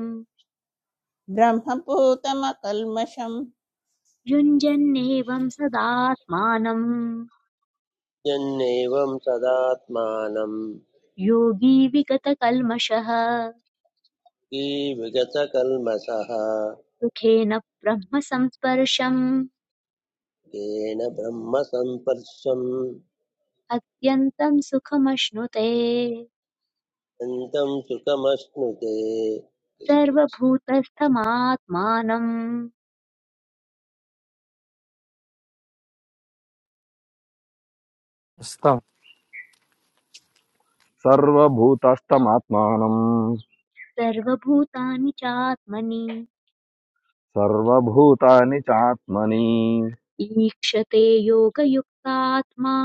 Speaker 2: ब्रह्मभूतमकल्मषम्
Speaker 1: युञ्जन्नेवं सदात्मानं।
Speaker 3: कृष्णजन्येवं सदात्मानं
Speaker 1: योगी विगतकल्मषः
Speaker 3: विगतकल्मषः
Speaker 1: सुखेन ब्रह्म संस्पर्शम्
Speaker 3: येन ब्रह्मसम्पर्शम्
Speaker 1: अत्यन्तं सुखमश्नुते
Speaker 3: अन्तम् सुखमश्नुते
Speaker 1: सर्वभूतस्थमात्मानम्
Speaker 4: सर्वभूतस्तमात्मानम्
Speaker 1: सर्वभूतानि चात्मनि
Speaker 4: सर्वभूतानि चात्मनि
Speaker 1: ईक्षते योगयुक्तात्मा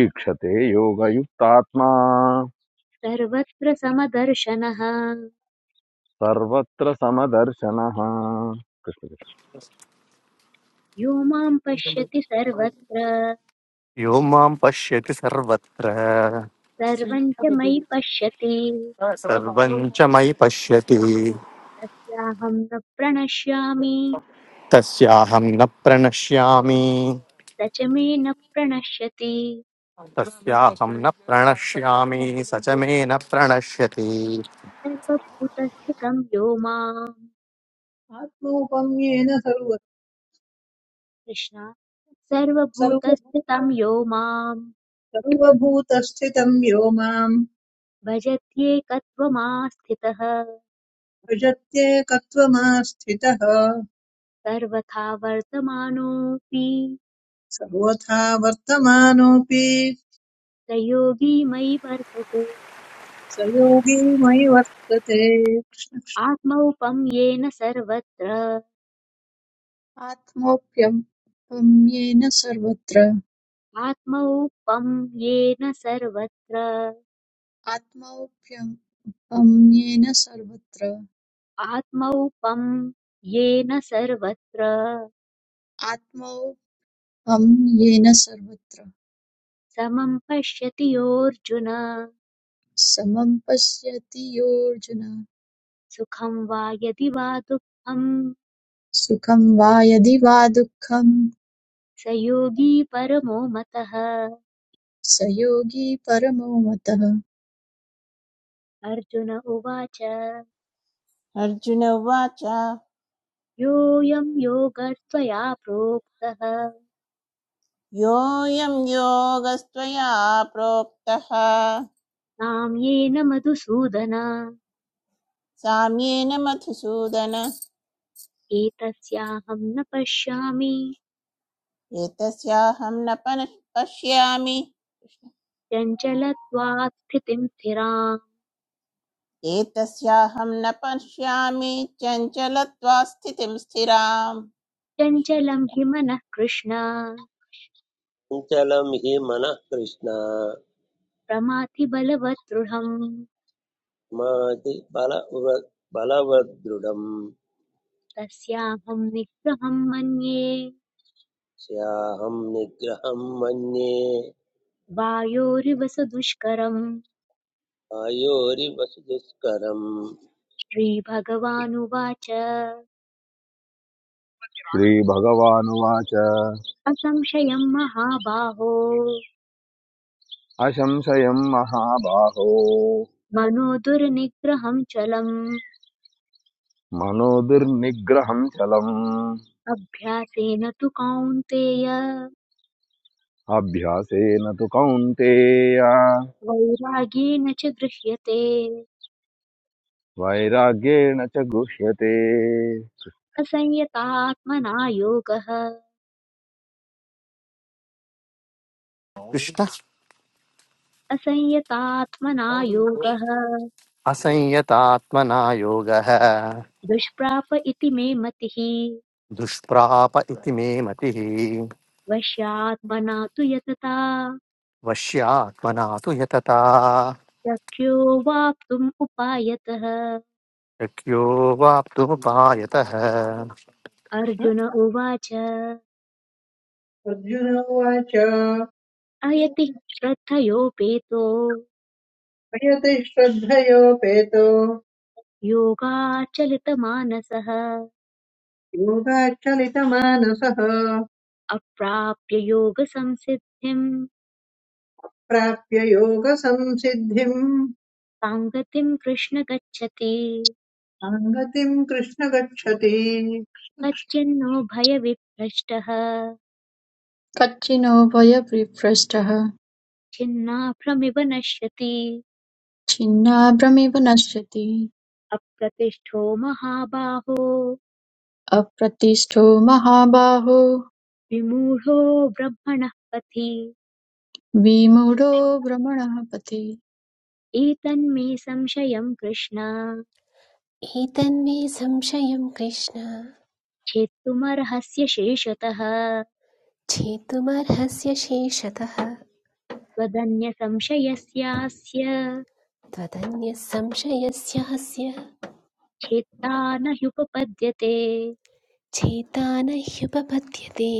Speaker 4: ईक्षते योगयुक्तात्मा
Speaker 1: सर्वत्र समदर्शनः
Speaker 4: सर्वत्र समदर्शनः कृष्ण
Speaker 1: यो माम् पश्यति सर्वत्र
Speaker 5: यो मां पश्यति सर्वत्र
Speaker 1: सर्वम् च मयि पश्यति
Speaker 5: सर्वं च मयि पश्यति
Speaker 1: तस्याहम् न प्रणश्यामि
Speaker 5: तस्याहं न प्रणश्यामि
Speaker 1: स च मे न प्रणश्यति
Speaker 5: तस्याहं न प्रणश्यामि स च मे न प्रणश्यति
Speaker 1: सर्वभूतस्थितं यो माम्
Speaker 6: आत्मौपम्येन सर्व
Speaker 1: कृष्ण
Speaker 6: सर्व
Speaker 1: सर्वभूतस्थितं यो माम्
Speaker 6: सर्वभूतस्थितं यो माम्
Speaker 1: भजत्येकत्वमास्थितः
Speaker 6: भजत्येकत्वमास्थितः
Speaker 1: सर्वथा वर्तमानोऽपि
Speaker 6: सर्वथा वर्तमानोऽपि
Speaker 1: स योगी मयि वर्तते
Speaker 6: स योगी मयि वर्तते कृष्ण।
Speaker 1: आत्मौपं येन सर्वत्र
Speaker 7: आत्मोऽप्यम्येन सर्वत्र
Speaker 1: आत्मौपं येन सर्वत्र
Speaker 7: आत्मौप्यम्येन सर्वत्र
Speaker 1: आत्मौपं येन सर्वत्र
Speaker 7: आत्मौपम्येन सर्वत्र
Speaker 1: समं पश्यति योऽर्जुन
Speaker 7: समं पश्यति योऽर्जुन
Speaker 1: सुखं वा यदि वा दुःखं
Speaker 7: सुखं वा यदि वा दुःखं
Speaker 1: स योगी परमो मतः
Speaker 7: स योगी परमो मतः
Speaker 1: अर्जुन उवाच
Speaker 2: अर्जुन उवाच
Speaker 1: योऽयं योगस्त्वया प्रोक्तः
Speaker 2: योऽयं योगस्त्वया प्रोक्तः
Speaker 1: तां येन मधुसूदन
Speaker 2: साम्येन मधुसूदन
Speaker 1: एतस्याहं न पश्यामि
Speaker 2: एतस्याहं न पन- पश्यामि
Speaker 1: चञ्चलत्वात् स्थितिं स्थिराम्
Speaker 2: एतस्याहं न पश्यामि चञ्चलत्वा स्थितिं स्थिराम्
Speaker 1: चञ्चलं हि मनः कृष्ण
Speaker 3: चञ्चलं हि मनः कृष्ण
Speaker 1: प्रमाथि बलवत् दृढम्
Speaker 3: माति बल बलवदृढम्
Speaker 1: तस्याहं निग्रहं मन्ये
Speaker 3: स्याहं निग्रहं मन्ये
Speaker 1: वायोरिव सुदुष्करम्
Speaker 3: आयोरिव दुष्करम्
Speaker 1: श्रीभगवानुवाच
Speaker 4: श्री भगवानुवाचः
Speaker 1: असंशयं महाबाहो
Speaker 4: अशम्शयम् महाबाहो
Speaker 1: मनो दुर्निग्रहं चलम्
Speaker 4: मनोदर निग्रहम् चलम्
Speaker 1: अभ्यासेन तु कौन्तेय
Speaker 4: अभिशासे न तु कान्ते या
Speaker 1: वैरागेण च गृह्यते
Speaker 4: वैराग्ये न च गुष्यते
Speaker 1: असंयतात्मना योगः
Speaker 5: कृष्ण
Speaker 1: असंयतात्मना योगः
Speaker 5: असंयतात्मना योगः
Speaker 1: दुष्प्राप इति मे मतिः
Speaker 5: दुष्प्राप इति मे मतिः
Speaker 1: वश्यात्मना तु यतता
Speaker 5: वश्यात्मना तु यतता
Speaker 1: शक्यो वाप्तुम् उपायतः
Speaker 5: शक्यो वाप्तुमुपायतः
Speaker 1: अर्जुन उवाच
Speaker 6: अर्जुन उवाच
Speaker 1: अयति श्रद्धयोपेतो
Speaker 6: यति श्रद्धयोपेतो
Speaker 1: योगाचलितमानसः
Speaker 6: योगाच्चलितमानसः
Speaker 1: अप्राप्य योगसंसिद्धिम्
Speaker 6: प्राप्य योगसंसिद्धिम्
Speaker 1: साङ्गतिम् कृष्ण गच्छति
Speaker 6: साङ्गतिम् कृष्ण गच्छति
Speaker 1: तच्चिन्नो भयविभ्रष्टः
Speaker 7: कच्चिनो भयविभ्रष्टः
Speaker 1: छिन्नाभ्रमिव नश्यति
Speaker 7: छिन्नाभ्रमिव नश्यति
Speaker 1: अप्रतिष्ठो महाबाहो
Speaker 7: अप्रतिष्ठो महाबाहो
Speaker 1: विमूढो ब्रह्मणः पथि
Speaker 7: विमूढो भ्रमणः पथि
Speaker 1: एतन्मे संशयं कृष्ण
Speaker 8: एतन्मे संशयं कृष्ण
Speaker 1: छेत्तुमर्हस्य शेषतः
Speaker 8: छेतुमर्हस्य शेषतः
Speaker 1: त्वदन्यसंशयस्यास्य
Speaker 8: त्वदन्यः संशयस्य हस्य
Speaker 1: छेत्ता न ह्युपपद्यते
Speaker 8: छेता न ह्युपपद्यते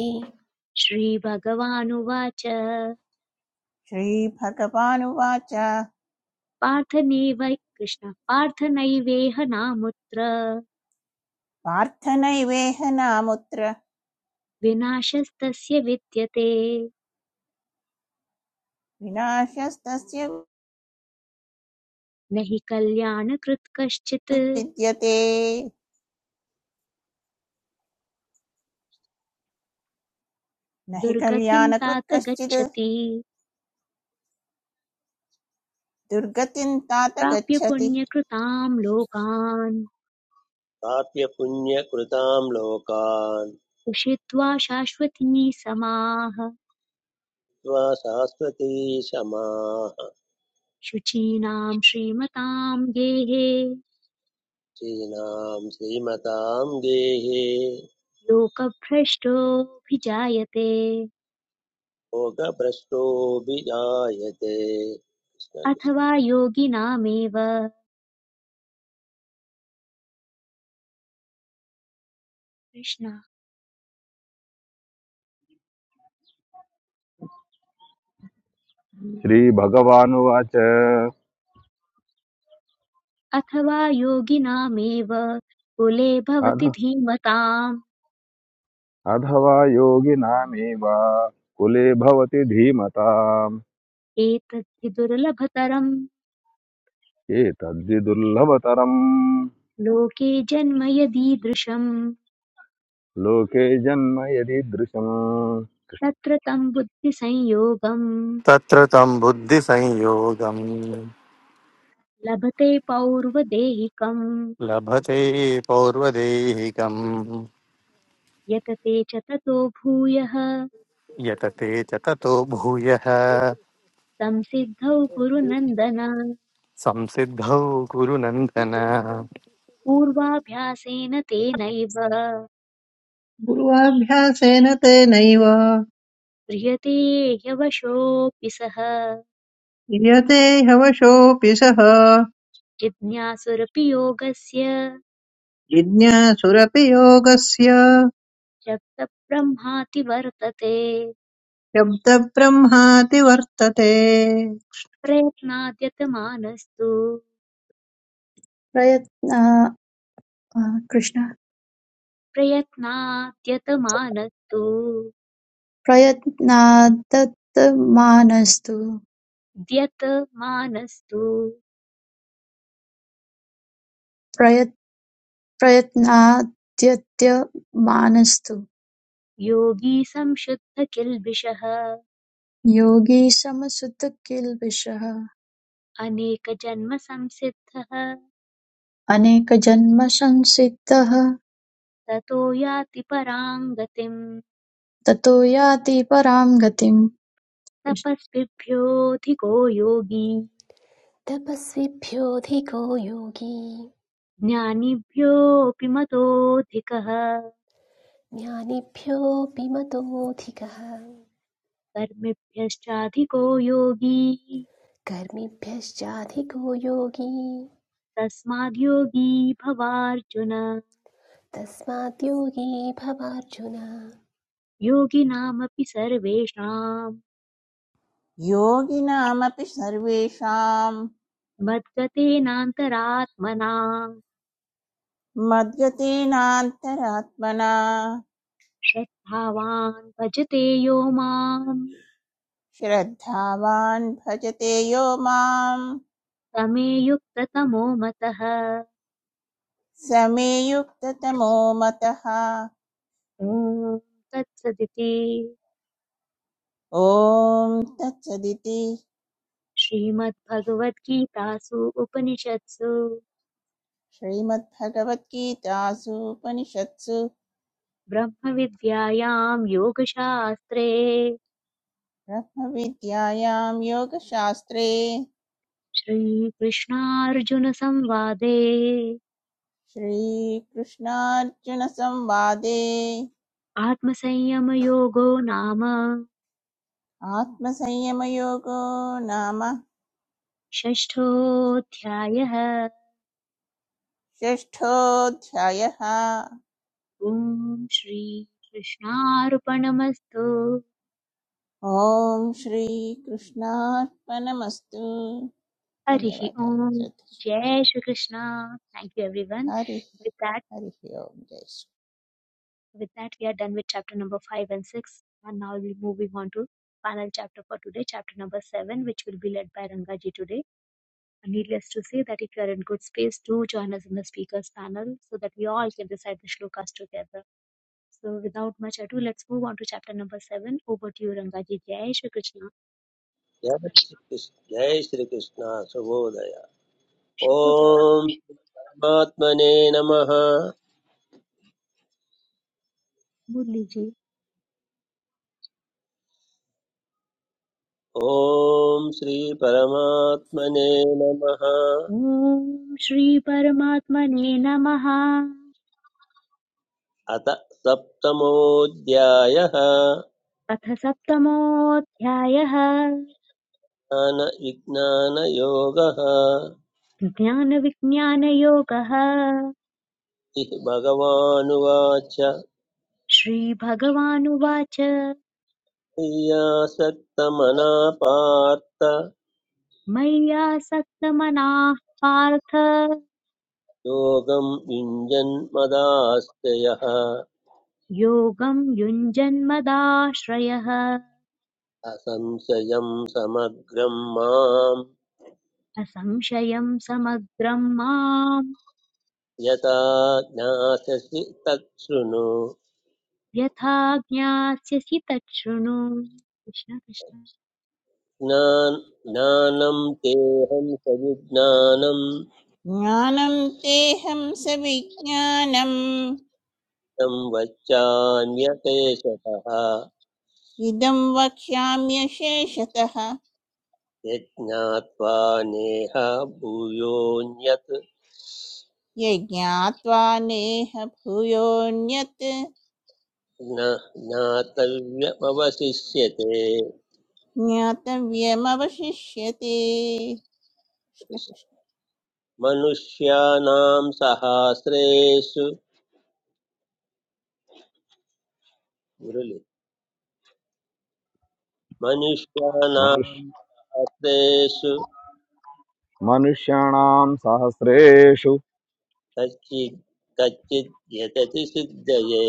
Speaker 1: श्रीभगवानुवाच
Speaker 2: श्रीभगवानुवाच
Speaker 1: पार्थ नैव कृष्ण पार्थ नैवेह नामुत्र
Speaker 2: पार्थ नैवेह नामुत्र
Speaker 1: विनाशस्तस्य विद्यते
Speaker 2: विनाशस्तस्य
Speaker 1: न हि कल्याणकृत् कश्चित्
Speaker 2: विद्यते न हि
Speaker 1: दुर्गतिं
Speaker 2: कल्याणकृत्
Speaker 1: तात
Speaker 2: कश्चित्
Speaker 1: गच्छति
Speaker 2: दुर्गतिं तात
Speaker 1: प्राप्य
Speaker 2: गच्छति
Speaker 1: पुण्यकृतां लोकान्
Speaker 3: प्राप्य पुण्यकृतां लोकान्
Speaker 1: उषित्वा शाश्वती समाः
Speaker 3: त्वा शाश्वती क्षमाः
Speaker 1: शुचीनां श्रीमतां गेहे
Speaker 3: श्रीणां श्रीमतां गेहे
Speaker 1: लोकभ्रष्टोऽभिजायते
Speaker 3: भोगभ्रष्टोऽभिजायते कृष्ण कृष्ण
Speaker 1: अथवा योगिनामेव कृष्ण
Speaker 4: श्री भगवानुवाचः
Speaker 1: अथवा योगिनामेव कुले
Speaker 4: अध
Speaker 1: भवति धीमताम्
Speaker 4: अधवायोगी नामेवा कुले भवति धीमताम्
Speaker 1: एतद्धि दुर्लभतरम्
Speaker 4: ये तद्जिदुल्लबतारम्
Speaker 1: लोके जन्म यदीदृशम्
Speaker 4: लोके जन्मयेरि दृश्यम्
Speaker 1: तत्र तं बुद्धिसंयोगम्
Speaker 5: तत्र तं बुद्धिसंयोगम्
Speaker 1: लभते पौर्वदेहिकम्
Speaker 5: लभते पौर्वदेहिकम्
Speaker 1: यतते च ततो भूयः
Speaker 5: यतते च ततो भूयः
Speaker 1: तं सिद्धौ कुरु नन्दन
Speaker 5: संसिद्धौ कुरु नन्दन
Speaker 1: पूर्वाभ्यासेन तेनैव
Speaker 6: गुरुवाभ्यासेन तेनैव
Speaker 1: क्रियते ह्यवशोऽपि सः
Speaker 6: क्रियते हवशोऽपि सः
Speaker 1: जिज्ञासुरपि योगस्य
Speaker 6: जिज्ञासुरपि योगस्य
Speaker 1: शब्दब्रह्माति वर्तते
Speaker 6: शब्दब्रह्माति वर्तते
Speaker 1: प्रयत्नाद्यतमानस्तु
Speaker 7: प्रयत्न अ, कृष्ण
Speaker 1: प्रयत्नाद्यतमानस्तु
Speaker 7: प्रयत्नादत्तमानस्तु
Speaker 1: द्यतमानस्तु
Speaker 7: प्रयत् प्रयत्नाद्यत्यमानस्तु
Speaker 1: योगी संशुद्धकिल्बिषः
Speaker 7: योगी समसुत किल्बिषः
Speaker 1: अनेकजन्मसंसिद्धः
Speaker 7: अनेकजन्मसंसिद्धः
Speaker 1: ततो याति परां गतिम्
Speaker 7: ततो याति परां गतिम्
Speaker 1: तपस्विभ्योऽधिको योगी
Speaker 8: तपस्विभ्योऽधिको योगी
Speaker 1: ज्ञानिभ्योऽपि मतोऽधिकः
Speaker 8: ज्ञानिभ्योऽपि मतोऽधिकः
Speaker 1: कर्मिभ्यश्चाधिको योगी
Speaker 8: कर्मिभ्यश्चाधिको योगी
Speaker 1: तस्माद् योगी भवार्जुन
Speaker 8: तस्मात् योगी भवार्जुन
Speaker 1: योगिनामपि सर्वेषाम्
Speaker 2: योगिनामपि सर्वेषां
Speaker 1: मद्गतेनान्तरात्मना
Speaker 2: मद्गतेनान्तरात्मना
Speaker 1: श्रद्धावान् भजते यो माम्
Speaker 2: श्रद्धावान् भजते यो माम्
Speaker 1: समे युक्ततमो मतः
Speaker 2: स मे युक्ततमो मतः
Speaker 1: ॐ तत्सदिति
Speaker 2: ॐ तत्सदिति
Speaker 1: श्रीमद्भगवद्गीतासु उपनिषत्सु
Speaker 2: श्रीमद्भगवद्गीतासु उपनिषत्सु
Speaker 1: ब्रह्मविद्यायां योगशास्त्रे
Speaker 2: ब्रह्मविद्यायां योगशास्त्रे
Speaker 1: श्रीकृष्णार्जुनसंवादे
Speaker 2: श्रीकृष्णार्जुनसंवादे
Speaker 1: आत्मसंयमयोगो नाम
Speaker 2: आत्मसंयमयोगो नाम
Speaker 1: षष्ठोऽध्यायः
Speaker 2: षष्ठोऽध्यायः
Speaker 1: ॐ श्रीकृष्णार्पणमस्तु
Speaker 2: ॐ श्रीकृष्णार्पणमस्तु
Speaker 1: हरिः
Speaker 2: धन्यवादः
Speaker 1: Om.
Speaker 2: Shraddha
Speaker 1: Jai Shri Krishna. Thank you, everyone.
Speaker 2: हरिः
Speaker 1: With that,
Speaker 2: हरिः ओम् जय Shri
Speaker 1: with that, we are done with chapter number five and six, and now we're moving on to final chapter for today, chapter number seven, which will be led by Rangaji today. And needless to say that if you are in good space, do join us in the speakers panel so that we all can recite the shlokas together. So, without much ado, let's move on to chapter number seven. Over to you, Rangaji. Jai Shri Krishna.
Speaker 3: जय श्रीकृष्ण जय शुभोदय ॐ
Speaker 1: Shubhodaya.
Speaker 3: परमात्मने नमः
Speaker 1: Murli ji.
Speaker 3: ॐ श्रीपरमात्मने नमः
Speaker 1: Om Shri श्रीपरमात्मने नमः
Speaker 3: अथ सप्तमोऽध्यायः
Speaker 1: अथ सप्तमोऽध्यायः
Speaker 3: ज्ञानविज्ञानयोगः
Speaker 1: ज्ञानविज्ञानयोगः
Speaker 3: भगवानुवाच
Speaker 1: श्रीभगवानुवाच
Speaker 3: मय्यासक्तमना पार्थ
Speaker 1: मय्यासक्तमनाः पार्थ
Speaker 3: योगं युञ्जन्मदास्त्ययः
Speaker 1: योगं युञ्जन्मदाश्रयः
Speaker 3: असंशयं समग्रं माम्
Speaker 1: असंशयं समग्रं माम्
Speaker 3: यथा ज्ञास्यसि तत् शृणु
Speaker 1: यथा ज्ञास्यसि तच्छृणु कृष्ण कृष्ण
Speaker 3: ज्ञान ज्ञानं तेऽहं सविज्ञानं
Speaker 2: ज्ञानं तेहं सविज्ञानम्
Speaker 3: तं वच्चान्यकेशतः
Speaker 2: इदं वक्ष्याम्यशेषतः
Speaker 3: यज्ञात्वा नेह भूयोऽन्यत्
Speaker 2: यज्ञात्वा नेह भूयोऽन्यत्
Speaker 3: न ज्ञातव्यमवशिष्यते
Speaker 2: ज्ञातव्यमवशिष्यते कृष्ण कृष्ण।
Speaker 3: मनुष्याणां सहास्रेषु मुरलि मनुष्याणां सहास्रेषु
Speaker 4: मनुष्मनुष्यानाम् साहस्रेशु
Speaker 3: कच्चित् कच्चित् यतति सिद्धये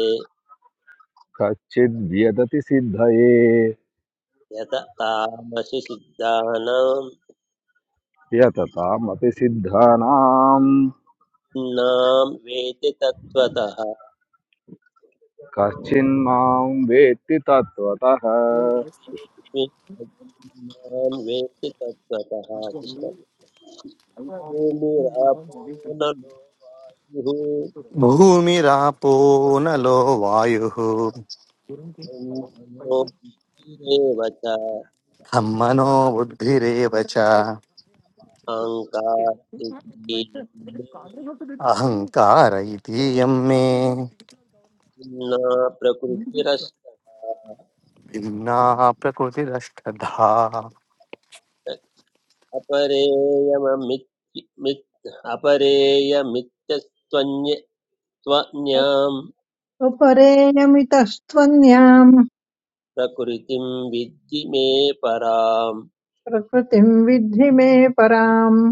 Speaker 4: कच्चिद् व्यदति सिद्धये
Speaker 3: यत तामसि सिद्धानां
Speaker 4: व्यततामपि सिद्धानाम्
Speaker 3: नाम वेति तत्त्वतः
Speaker 4: कश्चिन्मां वेत्ति तत्त्वतः
Speaker 3: नाम वेति तत्त्वतः कृष्ण भूमिरापो नलो वायुः
Speaker 5: भूमिरापो नलो वायुः
Speaker 3: ॐ मनोबुद्धिरेव च
Speaker 5: खं मनो बुद्धिरेव च
Speaker 3: अहङ्कार इति मे
Speaker 5: अहङ्कार इतीयं मे
Speaker 3: प्रकृतिरस्त
Speaker 5: भिन्ना प्रकृतिरष्टधा
Speaker 3: अपरेयममित् मित्
Speaker 6: उपरेयमितस्त्वन्याम्
Speaker 3: प्रकृतिं विद्धि मे पराम्
Speaker 6: प्रकृतिम् विद्धि मे पराम्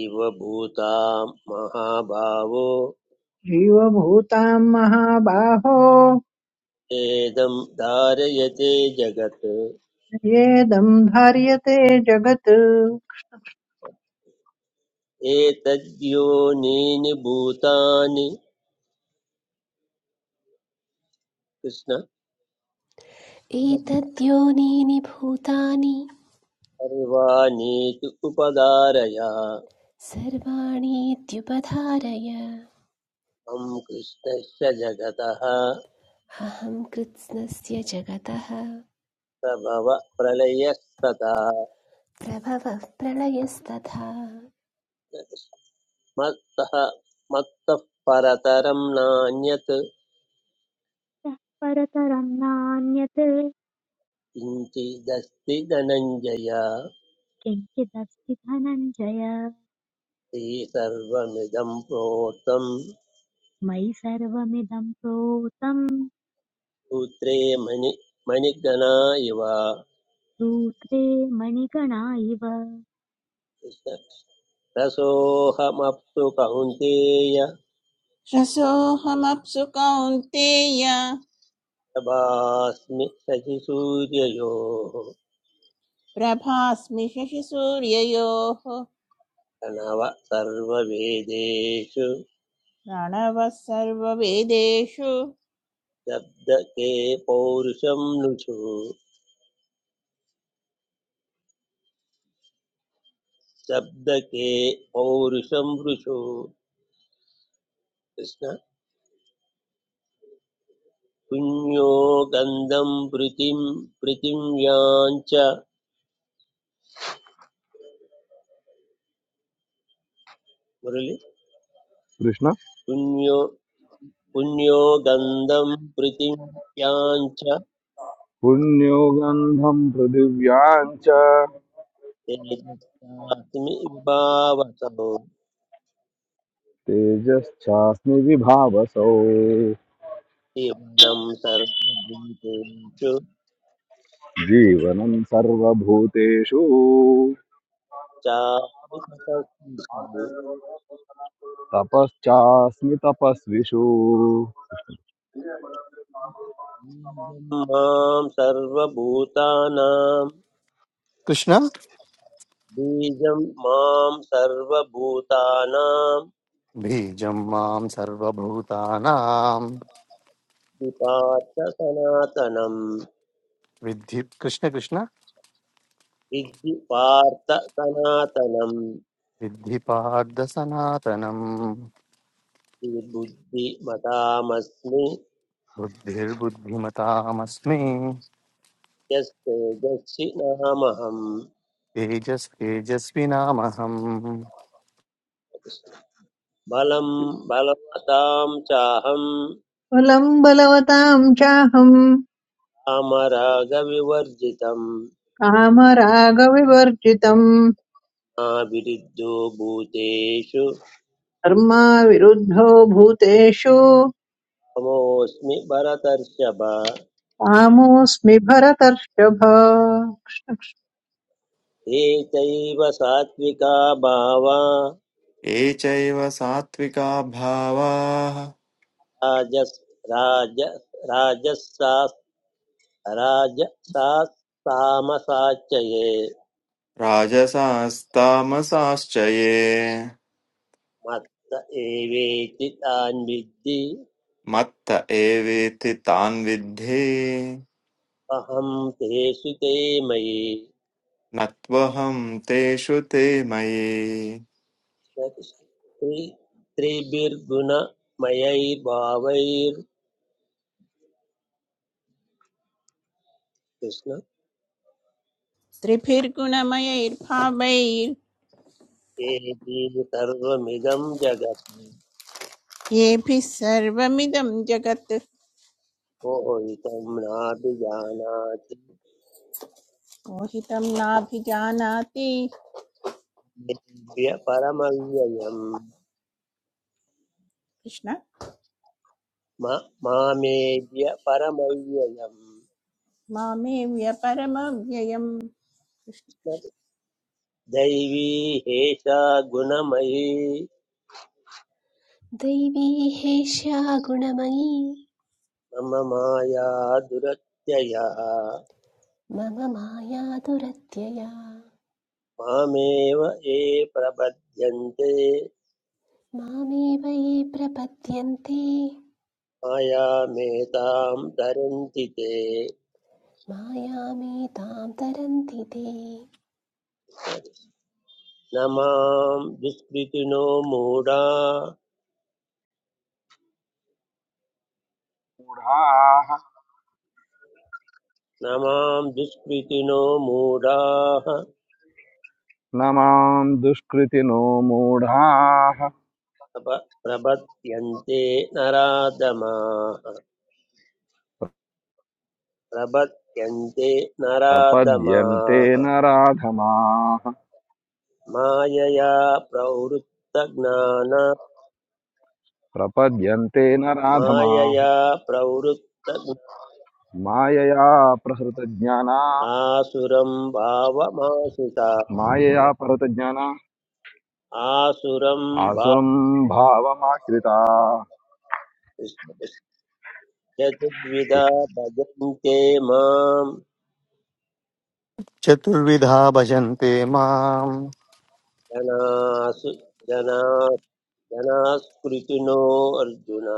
Speaker 3: इव भूतां महाभावो
Speaker 6: जीवभूतां महाबाहो
Speaker 3: एदं धारयते जगत्
Speaker 6: येदं धार्यते जगत्
Speaker 3: एतद्योनीनि भूतानि कृष्ण
Speaker 8: एतद्योनीनि भूतानि
Speaker 3: सर्वाणीति उपदारय
Speaker 8: सर्वाणीत्युपधारय
Speaker 3: मम कृष्णस्य जगतः
Speaker 8: अहं कृत्स्नस्य जगतः
Speaker 3: प्रभव प्रलयस्तथा
Speaker 8: प्रभवः प्रलयस्तथा
Speaker 3: मत्तः मत्तः परतरं नान्यत्
Speaker 1: इतः परतरं नान्यत्
Speaker 3: किञ्चिदस्ति धनञ्जय
Speaker 1: किञ्चिदस्ति धनञ्जय
Speaker 3: ते सर्वमिदं प्रोक्तं
Speaker 1: मयि सर्वमिदं प्रोतम्
Speaker 3: सूत्रे मणि मणिगणा इव
Speaker 1: सूत्रे मणिकणा इव
Speaker 3: रसोऽहमप्सु कौन्तेय
Speaker 2: रसोऽहमप्सु कौन्तेय
Speaker 3: प्रभास्मि शशिसूर्ययोः
Speaker 2: प्रभास्मि शशिसूर्ययोः
Speaker 3: नव सर्ववेदेषु
Speaker 2: प्रणवः सर्ववेदेषु
Speaker 3: शब्दके पौरुषं नृषु शब्दके पौरुषं ऋषु कृष्ण पुण्यो गन्धं प्रीतिं प्रीतिं याञ्च मुरळि
Speaker 4: कृष्ण
Speaker 3: पुण्यो पुण्यो गन्धं प्रीतिं याञ्च
Speaker 4: पुण्यो गन्धं पृथिव्यां च
Speaker 3: तेजस्यास्मि विभावसौ
Speaker 4: तेजश्चास्मि विभावसौ
Speaker 3: इदं सर्वभूतेषु
Speaker 4: जीवनं सर्वभूतेषु
Speaker 3: चास्मि तपस्विषु
Speaker 4: तपश्चास्मि तपस्विषु
Speaker 3: मां सर्वभूतानां
Speaker 5: कृष्ण
Speaker 3: बीजं मां सर्वभूतानां
Speaker 5: बीजं मां सर्वभूतानां
Speaker 3: विपार्थ सनातनं
Speaker 5: विद्धि कृष्ण कृष्ण
Speaker 3: विद्धि पार्थ सनातनं
Speaker 5: विद्धि पार्थ सनातनम्
Speaker 3: बुद्धिमतामस्मि
Speaker 5: बुद्धिर्बुद्धिमतामस्मि
Speaker 3: यस्तेजस्वि नामहं
Speaker 5: तेजस् तेजस्विनामहम्
Speaker 3: बलं बलवतां चाहं
Speaker 6: बलं बलवतां चाहं
Speaker 3: कामरागविवर्जितं
Speaker 6: कामरागविवर्जितम्
Speaker 3: नाभिरुद्धो भूतेषु
Speaker 6: धर्मा विरुद्धो भूतेषु
Speaker 3: तमोऽस्मि भरतर्षभ
Speaker 6: कामोऽस्मि भरतर्षभ
Speaker 3: एतैव सात्विका भावा
Speaker 9: ये चैव सात्विका भावाः
Speaker 3: राजस् राज राजसास् राजसास्तामसाच्चये
Speaker 9: राजसास्तामसाश्च ये
Speaker 3: मत्त एवेति तान् विद्धि
Speaker 9: मत्त एवेति तान् विद्धे
Speaker 3: अहं तेषु ते मयि
Speaker 9: न त्वहं तेषु ते मयि
Speaker 3: त्रि त्रिभिर्गुणमयैर्भावैर्कृष्ण
Speaker 2: त्रिभिर्गुणमयैर्भावैर्येभिः
Speaker 3: एति सर्वमिदं जगत्
Speaker 2: सर्वमिदं जगत्
Speaker 3: मोहितं नाभिजानाति
Speaker 2: मोहितं नाभिजानाति
Speaker 3: दिव्यपरमव्ययम्
Speaker 2: कृष्ण
Speaker 3: म- मामेद्य परमव्ययम्
Speaker 2: मामे व्यपरमव्ययम्
Speaker 3: दैवी हेषा गुणमयी
Speaker 8: दैवी हेष्या गुणमयी
Speaker 3: मम माया दुरत्ययः
Speaker 8: मम माया दुरत्यया
Speaker 3: मामेव ये प्रबध्यन्ते
Speaker 8: मामेव ये प्रपद्यन्ते
Speaker 3: मायामेतां तरन्ति ते
Speaker 8: मायामेतां तरन्ति ते
Speaker 3: न मां दुष्कृतिनो मूढा
Speaker 4: मूढाः
Speaker 3: न मां दुष्कृतिनो मूढाः
Speaker 4: न मां दुष्कृतिनो मूढाः
Speaker 3: प्रब- प्रबध्यन्ते प्रबध्यन्ते
Speaker 4: प्रपद्यन्ते
Speaker 3: नराधमाः
Speaker 4: न राधमाः
Speaker 3: मायया प्रवृत्तज्ञाना
Speaker 4: प्रपद्यन्ते न राधमाः
Speaker 3: मायया प्रवृत्त
Speaker 4: मायया प्रहृतज्ञाना
Speaker 3: आसुरं भावमाशिता
Speaker 4: मायया प्रहृतज्ञाना
Speaker 3: आसुरं भा
Speaker 4: आसुरं भावमाश्रिता
Speaker 3: चतुर्विधा भजन्ते मां
Speaker 5: चतुर्विधा भजन्ते माम्
Speaker 3: जनासु जना जनास्कृतिनो अर्जुन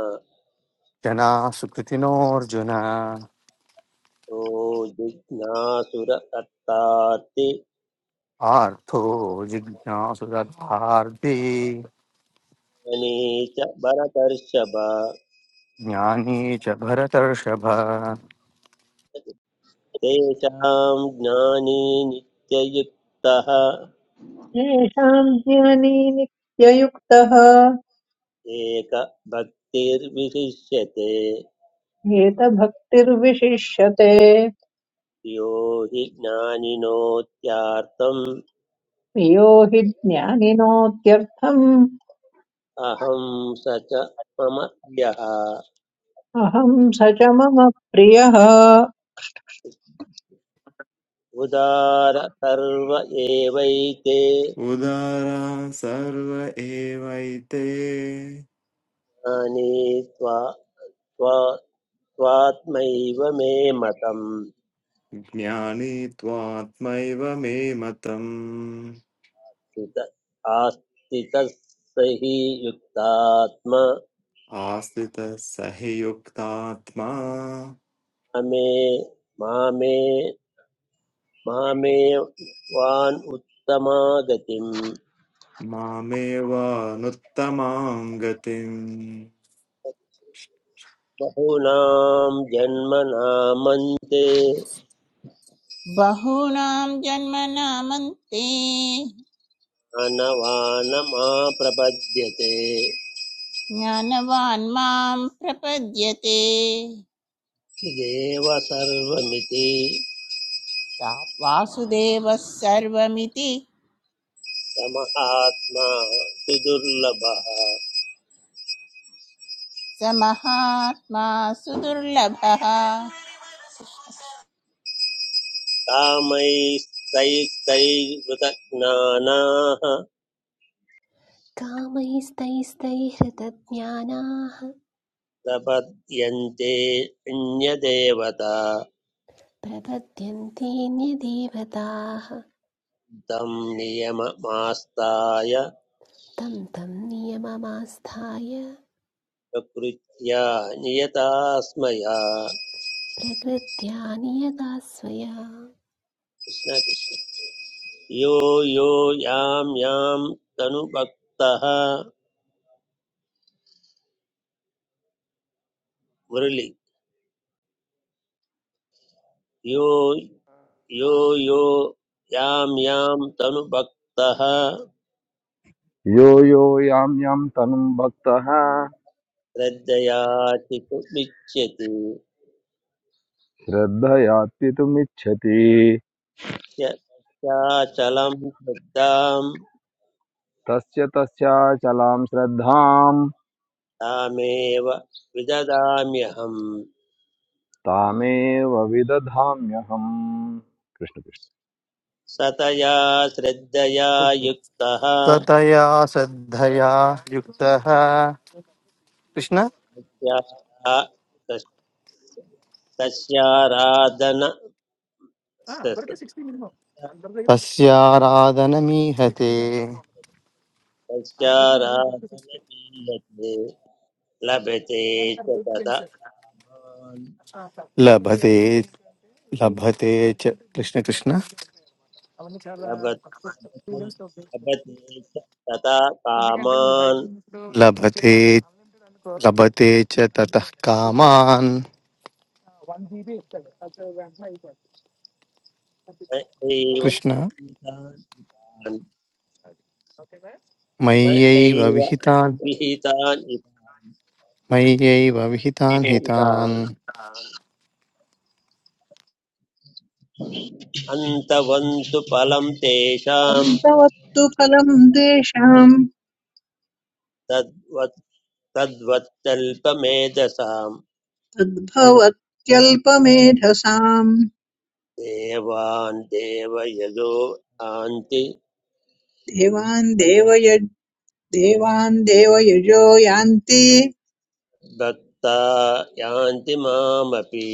Speaker 5: जनाः सुकृतिनोऽर्जुन
Speaker 3: ओ जिज्ञासुरकर्तार्ति
Speaker 5: आर्थो जिज्ञासुरर्थार्थी
Speaker 3: मनी च भरतर्षभ
Speaker 5: ज्ञानी च भरतर्षभ
Speaker 3: तेषां ज्ञानी नित्ययुक्तः
Speaker 6: येषां ज्ञानी नित्ययुक्तः
Speaker 3: एकभक्तिर्विशिष्यते
Speaker 6: येत भक्तिर्विशिष्यते
Speaker 3: यो हि ज्ञानिनोत्यार्थम्
Speaker 6: प्रियो हि ज्ञानिनोत्यर्थम्
Speaker 3: अहं स च मम यः
Speaker 6: अहं स च मम प्रियः
Speaker 3: उदार सर्व एवैते
Speaker 9: उदारा सर्व एवैते
Speaker 3: ज्ञानी त्वा त्वा त्वात्मैव मे मतम्
Speaker 9: ज्ञानी त्वात्मैव मे मतम्
Speaker 3: उत आस्तितः स हि युक्तात्मा
Speaker 9: आस्थितः स हि युक्तात्मा
Speaker 3: मे मामे मामे वान् उत्तमागतिं
Speaker 9: मामेवानुत्तमां गतिम्
Speaker 3: बहूनां जन्मनामन्ते
Speaker 2: बहूनां जन्मनामन्ते
Speaker 3: अनवानमाप्रपद्यते
Speaker 2: ज्ञानवान् मां प्रपद्यते
Speaker 3: देव सर्वमिति
Speaker 2: सा वासुदेवः सर्वमिति
Speaker 3: समहात्मा सुदुर्लभः
Speaker 2: स महात्मा सुदुर्लभः
Speaker 3: कामैस्तैस्तैर्वृतज्ञानाः
Speaker 8: कामैस्तैस्तैहृतज्ञानाः
Speaker 3: प्रपद्यन्ते अन्यदेवता
Speaker 8: प्रपद्यन्तेऽन्यदेवताः
Speaker 3: तं नियममास्ताय
Speaker 8: तं तं नियममास्थाय
Speaker 3: प्रकृत्या नियतास्मया
Speaker 8: प्रकृत्या नियता स्वया
Speaker 3: कृष्ण कृष्ण यो यो यां यां तनुभक्तः मुरलि यो यो यो यां यां तनुभक्तः
Speaker 4: यो यो यां यां तनुं भक्तः
Speaker 3: श्रद्धयाचितुमिच्छति
Speaker 4: श्रद्धयात्वितुमिच्छति
Speaker 3: श्रद्धाचलं श्रद्धां
Speaker 4: तस्य तस्याचलां श्रद्धां
Speaker 3: तामेव विददाम्यहम्
Speaker 4: तामेव विदधाम्यहम् कृष्ण।
Speaker 3: सतया श्रद्धया युक्तः
Speaker 5: सतया श्रद्धया युक्तः कृष्ण
Speaker 3: मिथ्या तस्याराधन
Speaker 5: तस्याराधनमीहते
Speaker 3: तस्याराधनमीयते लभते च तदा कामान्
Speaker 5: लभते लभते च कृष्ण कृष्ण
Speaker 3: लभते लभते च तदा कामान्
Speaker 5: लभते लभते च ततः कामान्
Speaker 3: न
Speaker 5: कृष्ण
Speaker 3: एव विहितान् न
Speaker 5: मय्यैव
Speaker 3: एव
Speaker 5: विहितान्
Speaker 3: विहितान्
Speaker 5: मय्यैव विहितान् हितान्
Speaker 3: इतान् अन्तवन्तु फलं तेषां
Speaker 6: तद्भवत्तु फलम् तेषाम्
Speaker 3: तद्वत् तद्वत्तल्पमेधसाम्
Speaker 6: तद्भवत्यल्पमेधसाम्
Speaker 3: देवान् देवयजो यान्ति
Speaker 6: देवान् देवय देवान् देवयजो यान्ति
Speaker 3: भक्ता यान्ति मामपि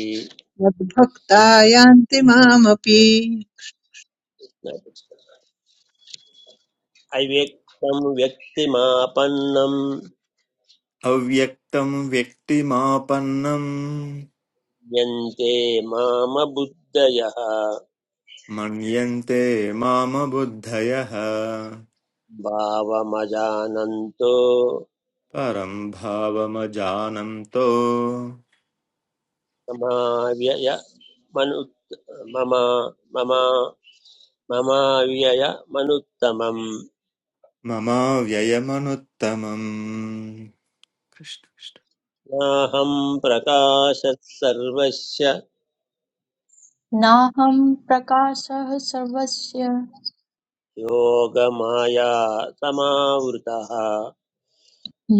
Speaker 6: मद्भक्ता यान्ति मामपि
Speaker 3: अव्यक्तं व्यक्तिमापन्नं
Speaker 9: अव्यक्तं व्यक्तिमापन्नं
Speaker 3: यन्ते मामबुद्धयः
Speaker 9: मन्यन्ते मामबुद्धयः
Speaker 3: भावमजानन्तो
Speaker 9: परं भावमजानन्तो
Speaker 3: ममाव्यय मनुत् मम मम ममाव्यय मनुत्तमम्
Speaker 9: ममाव्ययमनुत्तमम् कृष्ण कृष्ण।
Speaker 3: नाहं प्रकाशः सर्वस्य
Speaker 7: नाहं प्रकाशः सर्वस्य
Speaker 3: योगमाया समावृतः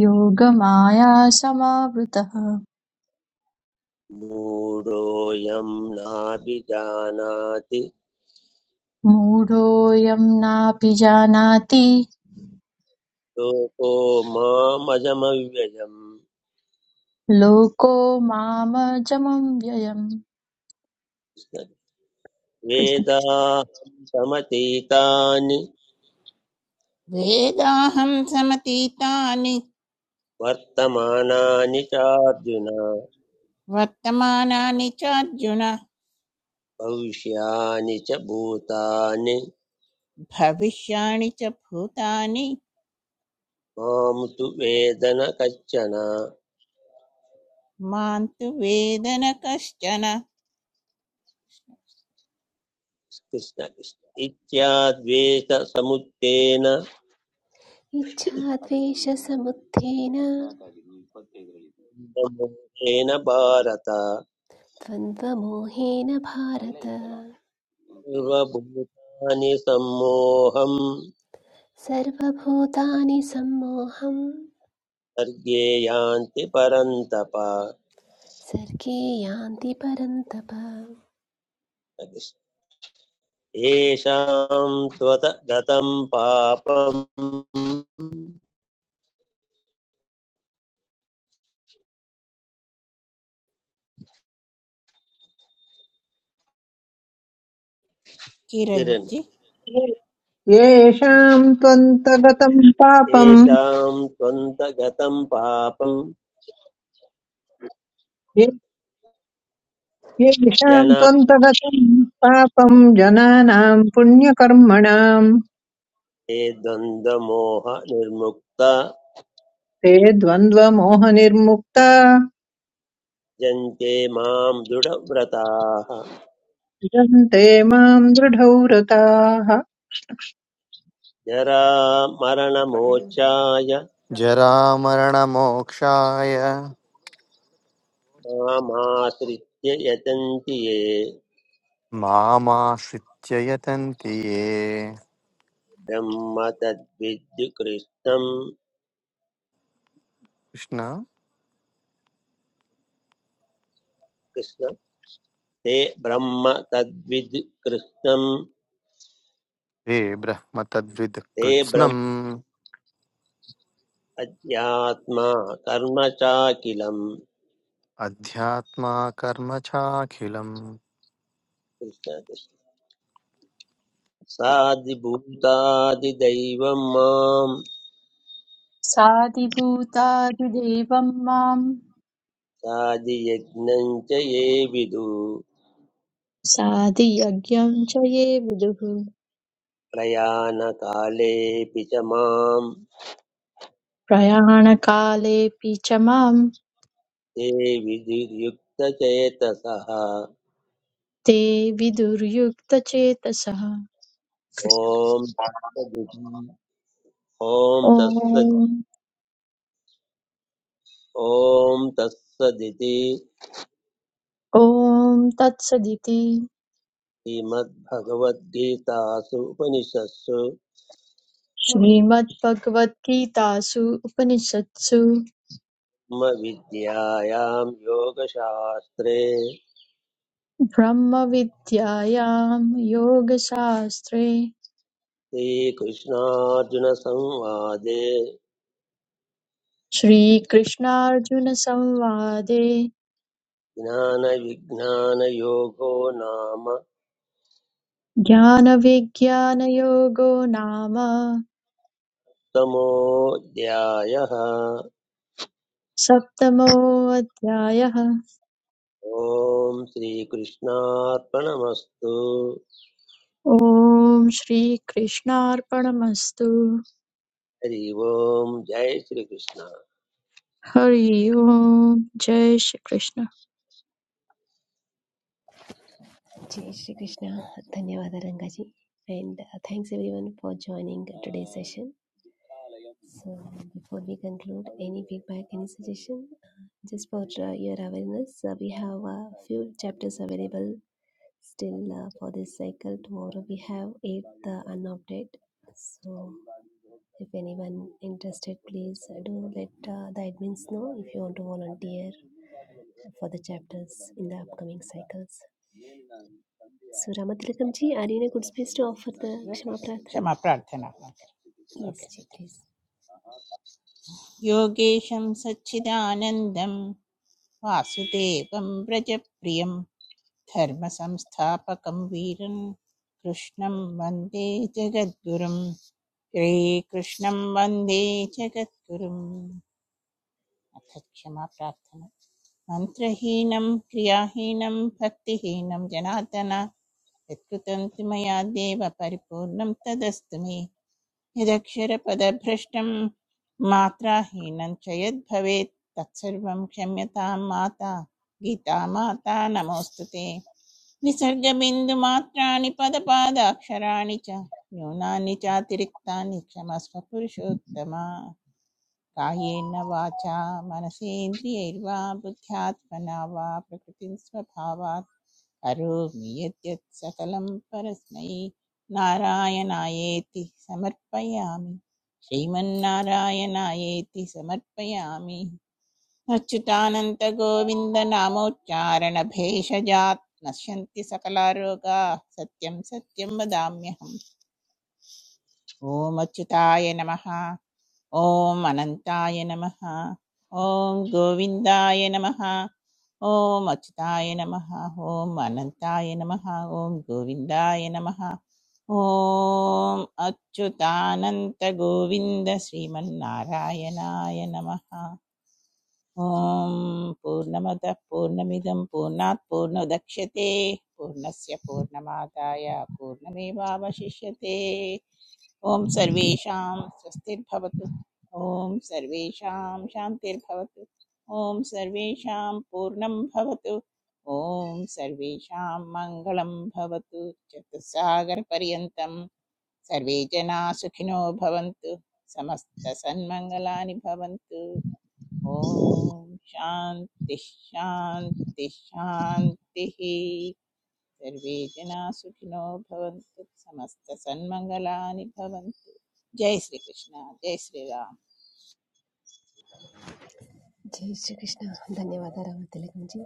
Speaker 7: योगमायासमावृतः
Speaker 3: मूढोऽयं नाभिजानाति
Speaker 7: मूढोऽयं नापि जानाति
Speaker 3: लोको मामजमव्ययम्
Speaker 7: लोको मामजमं व्ययम् कृष्ण कृष्ण
Speaker 3: वेदाहं समतीतानि
Speaker 2: वेदाहं समतीतानि
Speaker 3: वर्तमानानि चार्जुन
Speaker 2: वर्तमानानि चार्जुन
Speaker 3: भविष्यानि च भूतानि
Speaker 2: भविष्याणि च भूतानि
Speaker 3: मां तु वेदन कश्चन
Speaker 2: मां तु वेद न कश्चन
Speaker 3: कृष्ण कृष्ण इत्याद्वेषसमुत्तेन
Speaker 8: इच्छाद्वेषसमुत्थेन
Speaker 3: मोहेन भारत
Speaker 8: द्वन्द्वमोहेन भारत
Speaker 3: सर्वभूतानि सम्मोहम्
Speaker 8: सर्वभूतानि सम्मोहं
Speaker 3: सर्गे यान्ति परन्तप
Speaker 8: सर्गे यान्ति परन्तप
Speaker 3: येषां त्वत गतं पापम् तिरन्
Speaker 2: किरञ्जि
Speaker 6: येषाम् त्वन्तगतम् पापम्
Speaker 3: येषां त्वन्त गतं पापं
Speaker 6: ये- येषाम्
Speaker 3: जना
Speaker 6: त्वन्तगतम् पापम् जनानाम् पुण्यकर्मणाम्
Speaker 3: ते द्वन्द्वमोह निर्मुक्ता
Speaker 6: ते द्वन्द्वमोहनिर्मुक्ता
Speaker 3: जन्ते मां दृढव्रताः
Speaker 6: भजन्ते माम् दृढव्रताः
Speaker 3: जरा मरणमोक्षाय
Speaker 5: जरामरणमोक्षाय
Speaker 3: मामाश्रित्य यतन्ति ये
Speaker 5: मामाश्रित्य यतन्ति ये
Speaker 3: ब्रह्म तद्विद्युकृष्णम्
Speaker 5: कृष्ण
Speaker 3: ते ब्रह्म तद्विद् कृष्णं
Speaker 5: हे ब्रह्म तद्विद्
Speaker 3: ते ब्रह्म
Speaker 5: कृत्स्नम्
Speaker 3: अध्यात्मा कर्म चाखिलम्
Speaker 5: अध्यात्मा कर्म चाखिलम्
Speaker 3: कृष्ण कृष्ण साधिभूतादिदैवं मां
Speaker 7: साधिभूतादिदेवं मां
Speaker 3: साधियज्ञं च ये विदु
Speaker 7: साधियज्ञं च ये विदुः
Speaker 3: प्रयाणकालेऽपि च मां
Speaker 7: प्रयाणकालेऽपि च मां
Speaker 3: ते विधिर्युक्तचेतसः
Speaker 7: ते विदुर्युक्तचेतसः
Speaker 3: ॐ
Speaker 7: कृष्ण कृष्ण
Speaker 3: तत्सदिति- ॐ तत्सदि
Speaker 7: ॐ
Speaker 3: ॐ तत्सदिति
Speaker 7: ॐ तत्सदिति
Speaker 3: श्रीमद्भगवद्गीतासु उपनिषत्सु
Speaker 7: श्रीमद्भगवद्गीतासु उपनिषत्सु
Speaker 3: ब्रह्मविद्यायां योगशास्त्रे
Speaker 7: ब्रह्मविद्यायां योगशास्त्रे
Speaker 3: श्रीकृष्णार्जुनसंवादे
Speaker 7: श्रीकृष्णार्जुनसंवादे
Speaker 3: ज्ञानविज्ञानयोगो नाम
Speaker 7: ज्ञानविज्ञानयोगो नाम
Speaker 3: तमोऽध्यायः
Speaker 7: सप्तमोऽध्यायः
Speaker 3: ॐ श्रीकृष्णार्पणमस्तु
Speaker 7: ॐ श्रीकृष्णार्पणमस्तु
Speaker 3: हरि ओम् जय श्रीकृष्ण
Speaker 7: हरि ओम् जय श्रीकृष्ण
Speaker 8: जय श्री कृष्ण धन्यवाद Rangaji and uh, thanks everyone for joining today's session so before we conclude any feedback any suggestion uh, just for uh, your awareness uh, we have a uh, few chapters available Still, uh, for this cycle tomorrow we have eight uh, unopted. So if anyone interested, please uh, do let uh, the admins know if you want to volunteer for the chapters in the upcoming cycles. So Ramatilakam ji, are you in a good space to offer the
Speaker 2: श्लोकः-
Speaker 8: Kshama Prarthana?
Speaker 2: क्षमा प्रार्थना okay
Speaker 8: Yes,
Speaker 2: okay,
Speaker 8: ji,
Speaker 2: Sita.
Speaker 8: please.
Speaker 2: योगेशं सच्चिदानन्दं वासुदेवं व्रजप्रियं धर्मसंस्थापकं वीरं कृष्णं वन्दे जगद्गुरुं श्रीकृष्णं वन्दे जगद्गुरुम् अथ क्षमा प्रार्थना मन्त्रहीनं क्रियाहीनं भक्तिहीनं जनार्दन यत्कृतं तु मया देव परिपूर्णं तदस्तु मे यदक्षरपदभ्रष्टं मात्राहीनं च यद्भवेत् तत्सर्वं क्षम्यतां माता गीता माता नमोऽस्तु ते विसर्गबिन्दुमात्राणि पदपादाक्षराणि च न्यूनानि चातिरिक्तानि क्षमस्व पुरुषोत्तम कायेन वाचा मनसेन्द्रियैर्वा बुद्ध्यात्मना वा प्रकृतिं स्वभावात् करोमि यद्यत् सकलं परस्मै नारायणायेति समर्पयामि श्रीमन्नारायणायेति समर्पयामि अच्युतानन्तगोविन्दनामोच्चारणभेषजात् नश्यन्ति सकलारोगाः सत्यं सत्यं वदाम्यहम् ॐ अच्युताय नमः ॐ अनन्ताय नमः ॐ गोविन्दाय नमः ॐ अच्युताय नमः ॐ अनन्ताय नमः ॐ गोविन्दाय नमः ॐ अच्युतानन्तगोविन्द श्रीमन्नारायणाय नमः ॐ पूर्णमदः पूर्णमिदं पूर्णात् पूर्णोदक्ष्यते पूर्णस्य पूर्णमादाय पूर्णमेवावशिष्यते ॐ सर्वेषां स्वस्तिर्भवतु ॐ सर्वेषां शान्तिर्भवतु ॐ सर्वेषां पूर्णं भवतु ॐ सर्वेषां मङ्गलं भवतु चतुस्सागरपर्यन्तं सर्वे जनाः सुखिनो भवन्तु समस्तसन्मङ्गलानि भवन्तु ॐ शान्तिः शान्तिः शान्तिः सर्वे जनाः सुखिनो भवन्तु समस्तसन्मङ्गलानि भवन्तु जय श्री कृष्ण जय Shri Ram
Speaker 8: Jai Shri Krishna. धन्यवाद Ramathilakam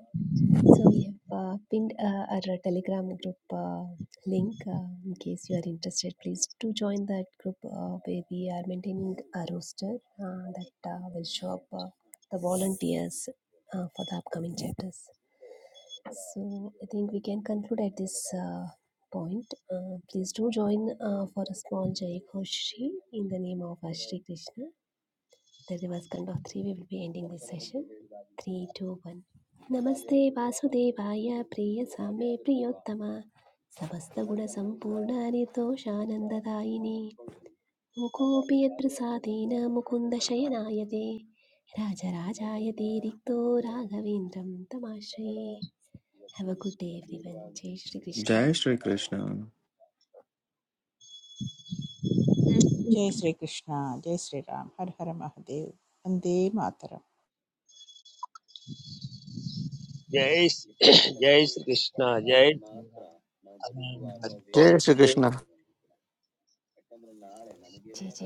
Speaker 8: So we have uh, pinned uh, our uh, Telegram group uh, link uh, in case you are interested. Please do join that group uh, where we are maintaining a roster uh, that uh, will show up uh, the volunteers uh, for the upcoming chapters. So I think we can conclude at this uh, point. Uh, please do join uh, for a small Jai Koshi in the name of our Shri Krishna. The reverse count of three, we will be ending this session. Three, two, one. नमस्ते वासुदेवाय प्रिय सामे प्रियोत्तम समस्तगुणसम्पूर्ण निर्दोषानन्ददायिनि मुकोऽपि यत्प्रसादेन मुकुन्द शयनायते राजराजायते रिक्तो राघवेन्द्रं तमाश्रये हव गुड् डे एव्रिवन् जय श्रीकृष्ण
Speaker 9: जय श्रीकृष्ण
Speaker 2: जय श्री कृष्ण जय श्री राम हर हर महादेव वंदे मातरम
Speaker 3: जय श्री- जय श्रीकृष्ण जय
Speaker 5: जय
Speaker 3: श्रीराम।
Speaker 5: श्रीकृष्ण
Speaker 8: जय जय